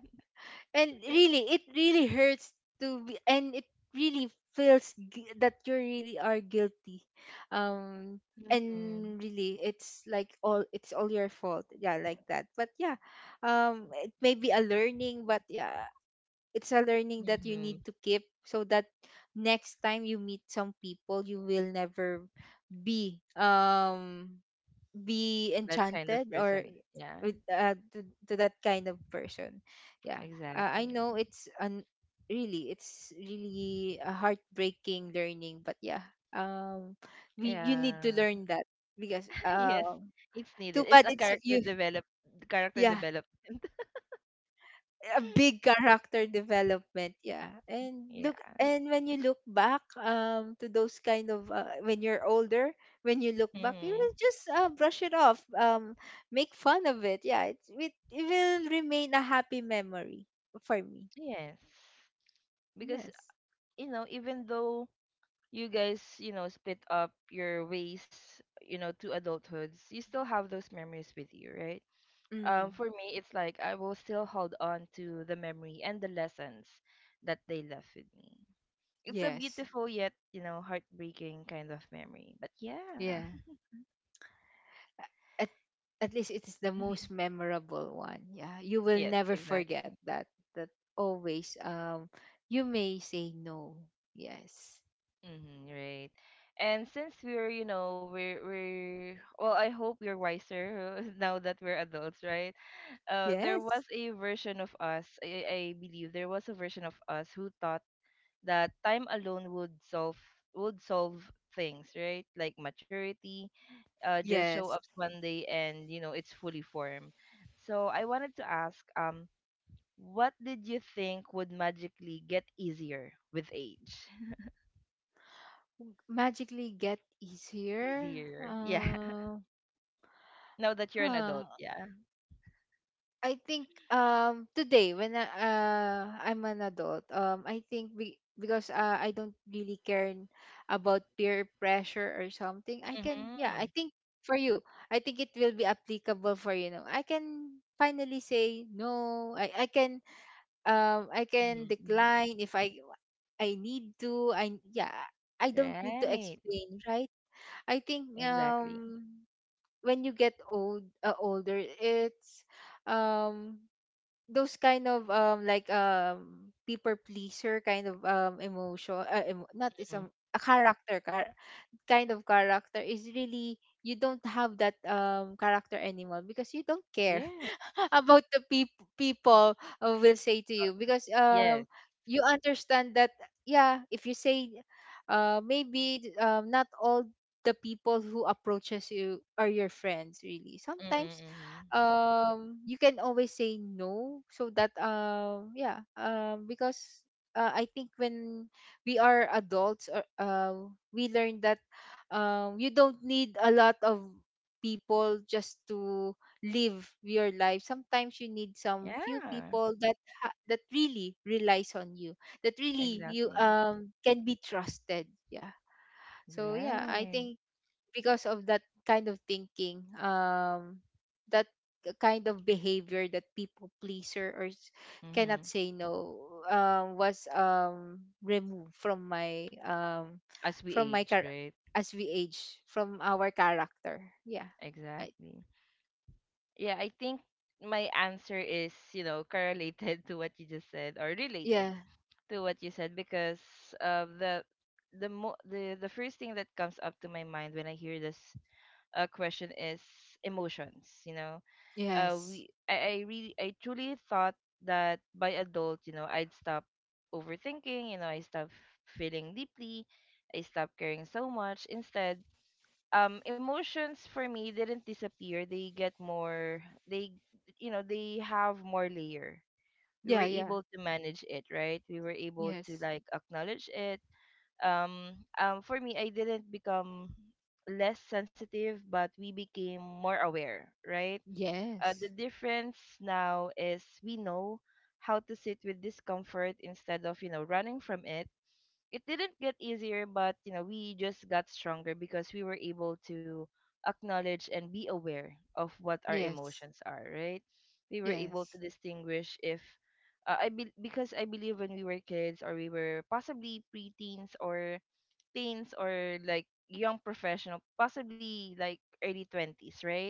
B: And really, it really hurts to be. And it really feels that you really are guilty, um
A: Hmm.
B: and really, it's like all it's all your fault, yeah, like that. But yeah, it may be a learning, but yeah, it's a learning that you
A: Hmm.
B: need to keep so that next time you meet some people, you will never be be
A: That kind of
B: enchanted or
A: person. Yeah,
B: with to that kind of person, yeah. I
A: exactly.
B: know it's an really it's really a heartbreaking learning, but yeah, um we, you need to
A: Yeah.
B: learn that because—
A: Yes, it's needed.
B: Too
A: It's
B: bad,
A: a
B: it's
A: character
B: you.
A: develop, character
B: Yeah.
A: development.
B: A big character development, yeah. And look
A: Yeah.
B: and when you look back to those kind of, when you're older, when you look back, you
A: Hmm.
B: will just brush it off, make fun of it, yeah. It will remain a happy memory for me.
A: Yes. Because
B: Yes.
A: you know, even though you guys, you know, split up your ways, you know, to adulthoods, you still have those memories with you, right?
B: Hmm.
A: For me, it's like I will still hold on to the memory and the lessons that they left with me. It's a
B: Yes.
A: beautiful yet, you know, heartbreaking kind of memory. But yeah.
B: Yeah. A- at, at least it is the most memorable one, yeah. You will
A: Yes,
B: never forget
A: exactly.
B: that, that, always, you may say no. Yes.
A: Mm-hmm, right. And since we're, you know, we're well, I hope we're wiser now that we're adults, right? There was
B: Yes.
A: a version of us, I believe there was a version of us who thought that time alone would solve, would solve things, right? Like maturity, just show up
B: Yes.
A: one day and you know it's fully formed. So I wanted to ask, what did you think would magically get easier with age?
B: Magically get easier.
A: Easier, yeah.
B: Uh,
A: Now that you're an
B: huh.
A: adult, yeah.
B: I think today, when I, I'm an adult, I think, because I don't really care about peer pressure or something. I can yeah,
A: Mm-hmm.
B: I think, for you, I think it will be applicable, for you know. I can finally say no. I can
A: Mm-hmm.
B: decline if I need to. I Yeah, I don't need to
A: Right.
B: explain, right? I think
A: Exactly.
B: when you get old, older, it's um those kind of like people pleaser kind of emotion, not is
A: Hmm.
B: a character kind of character is really you don't have that character anymore, because you don't care
A: Yes.
B: about the people, will say to
A: Uh,
B: you, because
A: yes.
B: you understand that. Yeah, if you say maybe not all the people who approaches you are your friends, really. Sometimes
A: Mm-hmm.
B: you can always say no, so that yeah, because I think when we are adults, or we learn that you don't need a lot of people just to live your life. Sometimes you need some few
A: Yeah.
B: people that that really relies on you, that really you
A: Exactly.
B: can be trusted. Yeah. So yeah, I
A: Right.
B: think because of that kind of thinking, that kind of behavior, that people pleaser, or
A: Mm-hmm.
B: cannot say no, was removed
A: As we
B: from my
A: age,
B: car
A: right?
B: as we age from our character, yeah. I,
A: Exactly. Yeah, I think my answer is, you know, correlated to what you just said or related
B: yeah.
A: to what you said because uh, the the the first thing that comes up to my mind when I hear this question is emotions, you know. uh
B: Yes.
A: we I, I really, I truly thought that by adult, you know, I'd stop overthinking, you know, I stop feeling deeply, I stop caring so much. Instead, emotions for me didn't disappear. They get more, they, you know, they have more layer. We were
B: Yeah, yeah.
A: able to manage it, right? We were able to
B: Yes.
A: like acknowledge it. For me, I didn't become less sensitive but we became more aware, right?
B: Yes.
A: The difference now is we know how to sit with discomfort instead of, you know, running from it. It didn't get easier, but, you know, we just got stronger because we were able to acknowledge and be aware of what our
B: Yes.
A: emotions are, right? We were able to
B: Yes.
A: distinguish if because I believe when we were kids or we were possibly preteens or teens or like young professional, possibly like early 20s, right?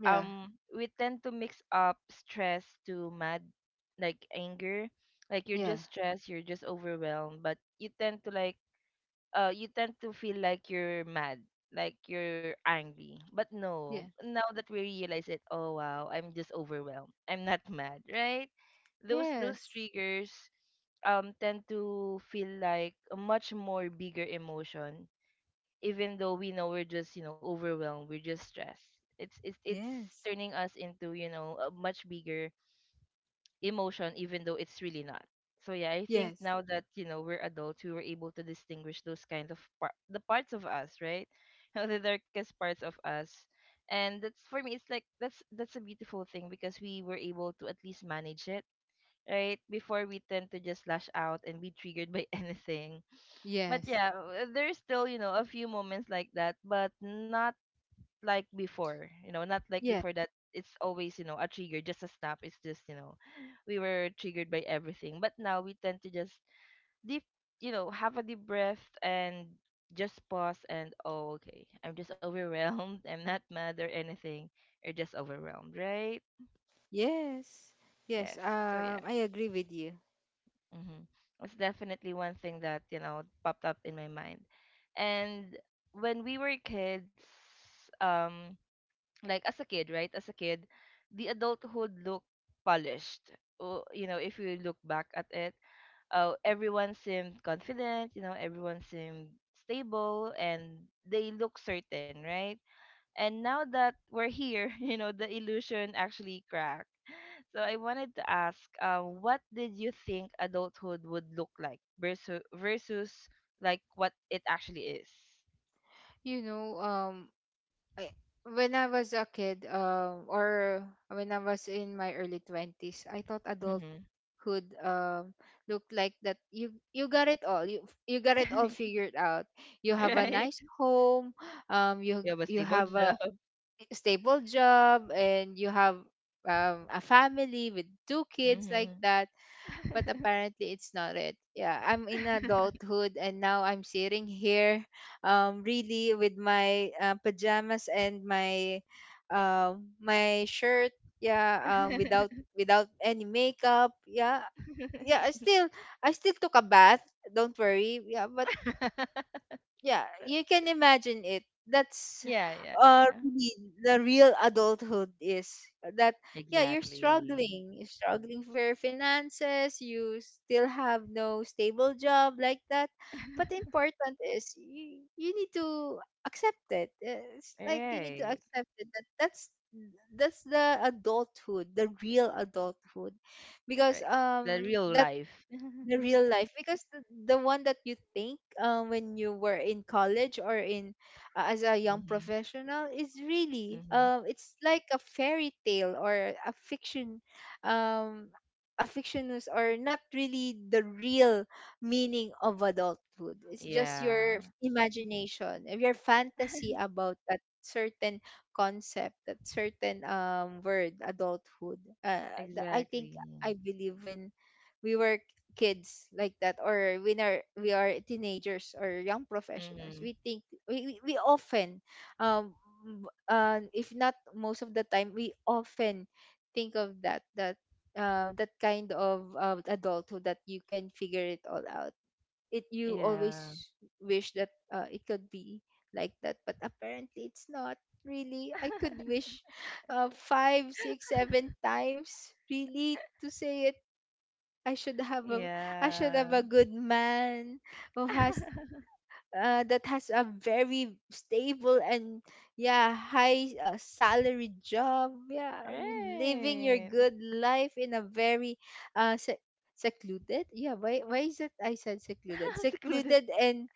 B: Yeah.
A: we tend to mix up stress to mad, like anger, like you're
B: Yeah.
A: just stressed, you're just overwhelmed, but you tend to like you tend to feel like you're mad, like you're angry, but no,
B: Yeah.
A: now that we realize it, oh wow, I'm just overwhelmed, I'm not mad, right? Those
B: Yes.
A: triggers tend to feel like a much more bigger emotion, even though we know we're just, you know, overwhelmed, we're just stressed. It's
B: Yes.
A: turning us into, you know, a much bigger emotion, even though it's really not. So yeah, I think
B: Yes.
A: now that you know we're adults, we were able to distinguish those kind of the parts of us, right? You know, the darkest parts of us. And that's, for me it's like that's a beautiful thing because we were able to at least manage it. Right, before we tend to just lash out and be triggered by anything. But
B: Yes.
A: yeah, there's still, you know, a few moments like that, but not like before. You know, not like
B: Yes.
A: before that it's always, you know, a trigger, just a snap. It's just, you know, we were triggered by everything. But now we tend to just deep, you know, have a deep breath and just pause and oh, okay. I'm just overwhelmed. I'm not mad or anything. You're just overwhelmed, right?
B: Yes. Yes.
A: Yes. So yeah.
B: I agree with you.
A: Mm-hmm. It's definitely one thing that, you know, popped up in my mind. And when we were kids, um, like as a kid, right? As a kid, the adulthood looked polished. Oh, you know, if you look back at it, everyone seemed confident, you know, everyone seemed stable and they look certain, right? And now that we're here, you know, the illusion actually cracked. So I wanted to ask, what did you think adulthood would look like versus like what it actually is?
B: You know, I, when I was a kid, or when I was in my early 20s, I thought
A: Mm-hmm.
B: adulthood um looked like that, you got it all. You got it all figured out. You have a
A: Right?
B: nice home,
A: You have a
B: you
A: stable
B: have
A: job.
B: a stable job, and you have a family with two kids, like
A: Mm-hmm.
B: that. But apparently, it's not it. Yeah, I'm in adulthood, and now I'm sitting here really with my pajamas and my my shirt, yeah, without any makeup, yeah. Yeah, I still I still took a bath, don't worry. Yeah. But yeah, you can imagine it. That's
A: Yeah, yeah, yeah.
B: really the real adulthood is that yeah, you're
A: Exactly.
B: struggling. You're struggling for your finances, you still have no stable job, like that. But the important is you need to accept it. It's like you need to
A: Right,
B: accept it, that that's the adulthood, the real adulthood. Because
A: right. The real
B: that
A: life.
B: the
A: Mm-hmm.
B: real life, because the one that you think, when you were in college, or in, as a young professional, is really
A: Mm-hmm.
B: it's like a fairy tale or a fiction, um a fictionous, or not really the real meaning of adulthood. It's just your
A: Yeah.
B: imagination, your fantasy about that certain concept, that certain word adulthood. uh, I think
A: Exactly.
B: I believe when we were kids like that, or when are we are teenagers or young professionals, we
A: Mm-hmm.
B: think, we often, um if not most of the time, we often think of that that kind of adulthood, that you can figure it all out. It You
A: Yeah.
B: always wish that it could be like that, but apparently it's not really. I could wish 5, 6, 7 times, really, to say it. I should have a, I should have
A: Yeah.
B: a good man who has, that has a very stable and, yeah, high, salary job. Yeah, you living your
A: Right.
B: good life in a very uh se- secluded. Yeah, why is it I said secluded?
A: Secluded.
B: Secluded and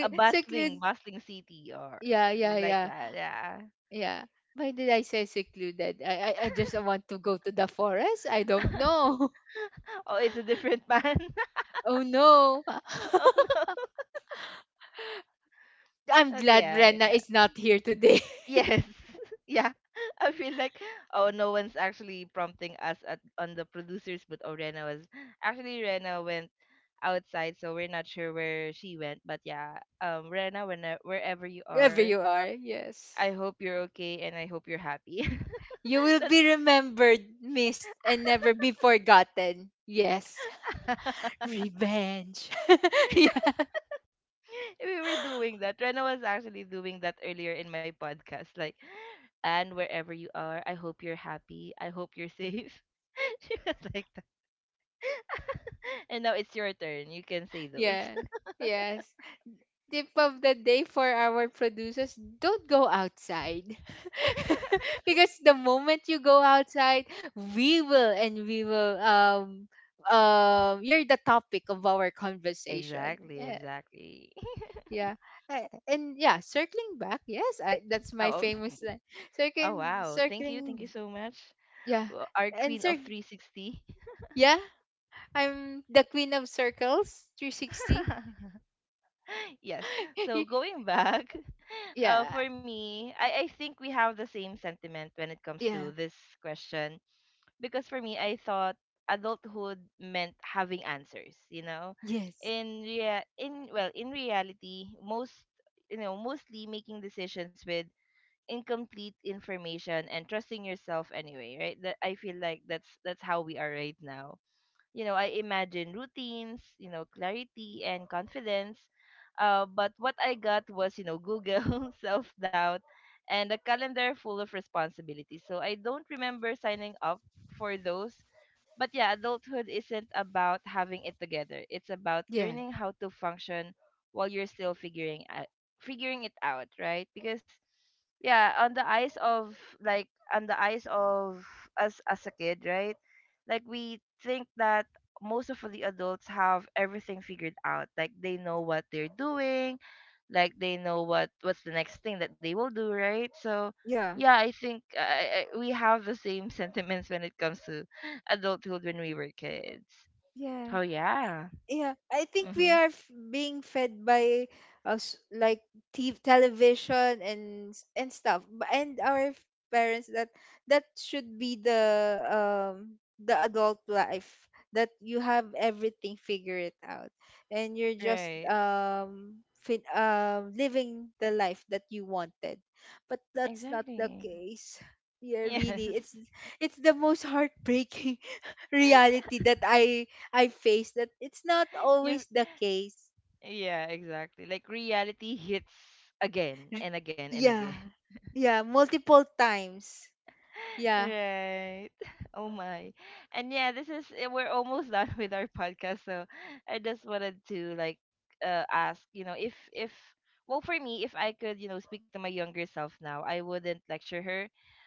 A: A bustling,
B: seclude.
A: bustling city or
B: Yeah, yeah,
A: like
B: yeah.
A: that. Yeah.
B: Yeah, why did I say secluded? I just want to go to the forest. I don't know.
A: Oh, it's a different man.
B: Oh no.
A: Oh no.
B: I'm
A: But
B: glad
A: yeah,
B: Rena
A: yeah.
B: is not here today.
A: Yes. Yeah. I feel like oh, no one's actually prompting us at on the producers, but oh, Rena was actually Rena went outside, so we're not sure where she went, but yeah, Rena, when wherever you
B: Wherever
A: are,
B: you are,
A: I
B: yes.
A: hope you're okay and I hope you're happy.
B: You will
A: That's
B: be remembered, missed, and never be forgotten. Yes. Revenge. Yeah.
A: we were doing that. Rena was actually doing that earlier in my podcast, like, and wherever you are, I hope you're happy. I hope you're safe. She was like that. And now it's your turn. You can say those.
B: Yeah. Yes. Tip of the day for our producers, don't go outside. Because the moment you go outside, we will, and we will, you're the topic of our conversation.
A: Exactly,
B: Yes.
A: exactly.
B: Yeah. And yeah, circling back. Yes, I that's my
A: Oh,
B: famous line.
A: oh
B: Circling
A: wow. Thank you. Thank you
B: circling
A: so much.
B: yeah.
A: Well, our
B: And
A: queen
B: cir
A: of 360.
B: yeah, I'm the queen of circles 360.
A: Yes. So
B: Y-
A: going back,
B: yeah.
A: for me, I think we have the same sentiment when it comes to
B: Yeah.
A: this question. Because for me, I thought adulthood meant having answers, you know?
B: Yes.
A: In rea- in well, in reality, mostly making decisions with incomplete information and trusting yourself anyway, right? That, I feel like that's how we are right now. I imagine routines, clarity and confidence. But what I got was, Google self-doubt and a calendar full of responsibility. So I don't remember signing up for those. But yeah, adulthood isn't about having it together, it's about
B: Yeah.
A: learning how to function while you're still figuring it out, right? Because yeah, like on the eyes of us as a kid, right? Like we think that most of the adults have everything figured out, like they know what they're doing, like they know what's the next thing that they will do, right? So
B: Yeah.
A: yeah, I think, we have the same sentiments when it comes to adulthood when we were kids.
B: Yeah.
A: Oh yeah.
B: Yeah, I think we
A: Mm-hmm.
B: are being fed by us, like, television and and stuff, and our parents, that should be the the adult life, that you have everything figured out, and you're just
A: Right.
B: living the life that you wanted. But that's not the
A: Exactly.
B: case. Yeah,
A: Yes.
B: really, it's the most heartbreaking reality that I faced, that it's not
A: You.
B: always the case.
A: Yeah, exactly. Like reality hits again
B: R-
A: and again and again.
B: Yeah. Yeah, multiple times. Yeah.
A: Right. Oh my. And yeah, this is, we're almost done with our podcast, so I just wanted to, like, ask, you know, if well, for me, if I could, you know, speak to my younger self now, I wouldn't lecture her.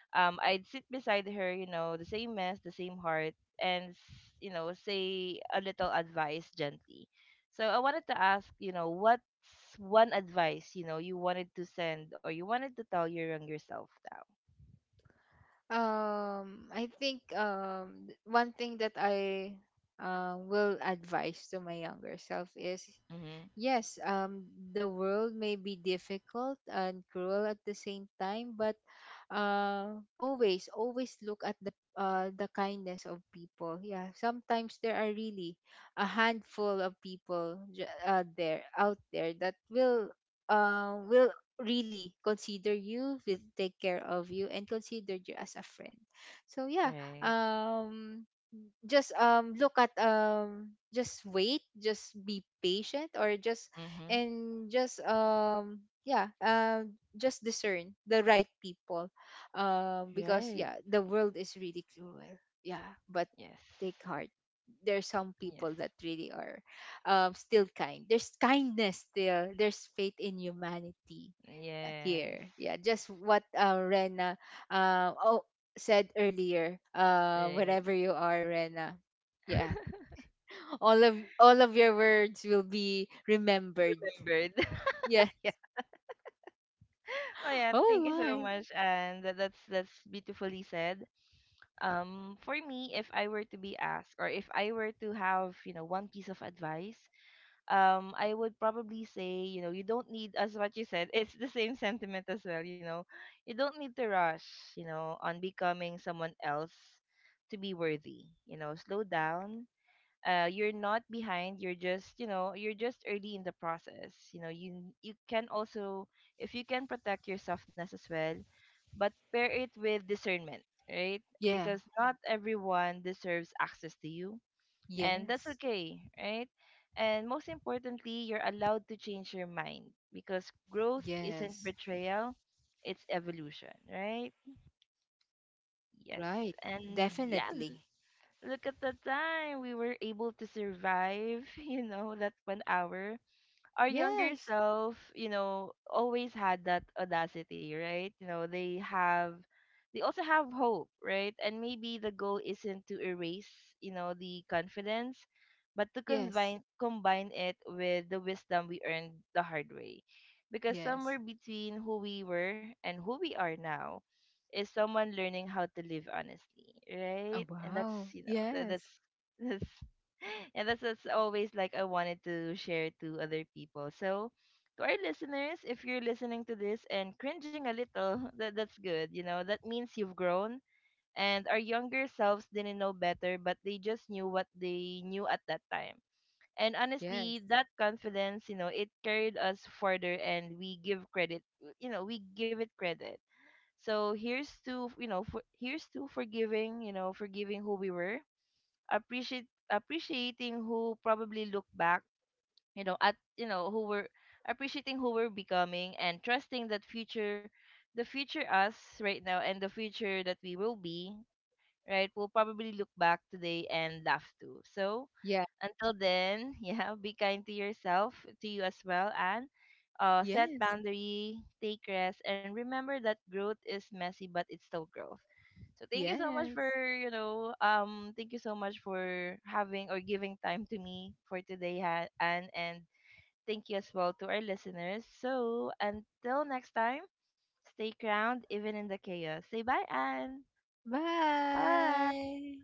A: I'd sit beside her, you know, the same mess, the same heart, and you know, say a little advice gently. So I wanted to ask, you know, what's one advice, you know, you wanted to send or you wanted to tell your younger self now?
B: I think one thing that I will advise to my younger self is,
A: Mm-hmm.
B: yes, the world may be difficult and cruel at the same time, but always, always look at the, the kindness of people. Yeah, sometimes there are really a handful of people, there out there, that will, will really consider you, will take care of you, and consider you as a friend. So yeah,
A: Right.
B: um, just look at, just wait, just be patient, or just,
A: Mm-hmm.
B: and just yeah, just discern the right people, because
A: Right.
B: yeah, the world is really cruel, yeah, but
A: Yes.
B: take heart. There's some
A: Yes.
B: people that really are, still kind. There's kindness still, there's faith in humanity,
A: Yes.
B: here. Yeah, just what Rena uh, oh, said earlier,
A: Right.
B: wherever you are, Rena, yeah. All of all of your words will be remembered.
A: Remembered.
B: Yeah.
A: Yeah. Oh yeah,
B: Oh
A: thank you so
B: my.
A: much. And that's beautifully said. For me, if I were to be asked or if I were to have, you know, one piece of advice, I would probably say, you know, you don't need, as what you said, it's the same sentiment as well, you know. You don't need to rush, you know, on becoming someone else to be worthy. You know, slow down, you're not behind, you're just, you know, you're just early in the process. You know, you can also, if you can, protect your softness as well but pair it with discernment, right?
B: Yeah.
A: Because not everyone deserves access to you, and that's
B: Yes.
A: okay, right? And most importantly, you're allowed to change your mind because growth isn't
B: Yes.
A: betrayal, it's evolution, right? Yes.
B: Right.
A: And yeah.
B: Definitely.
A: Look at the time we were able to survive, you know, that 1 hour. Our younger
B: Yes.
A: self, you know, always had that audacity, right? You know, they also have hope, right? And maybe the goal isn't to erase, you know, the confidence, but to
B: Yes.
A: combine it with the wisdom we earned the hard way. Because
B: Yes.
A: somewhere between who we were and who we are now is someone learning how to live honestly,
B: Oh
A: right? And
B: wow. Yes.
A: that's that's and that's always, like, I wanted to share to other people. So to our listeners, if you're listening to this and cringing a little, that's good. You know, that means you've grown, and our younger selves didn't know better, but they just knew what they knew at that time. And
B: Yes.
A: honestly, that confidence, you know, it carried us further, and we give it credit. So here's to forgiving who we were, appreciate appreciating who probably look back, you know, at, you know, who were, appreciating who we're becoming and trusting that future, the future us right now, and the future that we will be, right? Will probably look back today and laugh too. So
B: Yeah.
A: until then, yeah, be kind to yourself, to you as well, and set
B: Yes.
A: boundary, take rest, and remember that growth is messy, but it's still growth. So
B: Yes.
A: thank you so much for having or giving time to me for today, ha and thank you as well to our listeners. So until next time, stay crowned even in the chaos. Say bye, Anne. Bye.
B: Bye.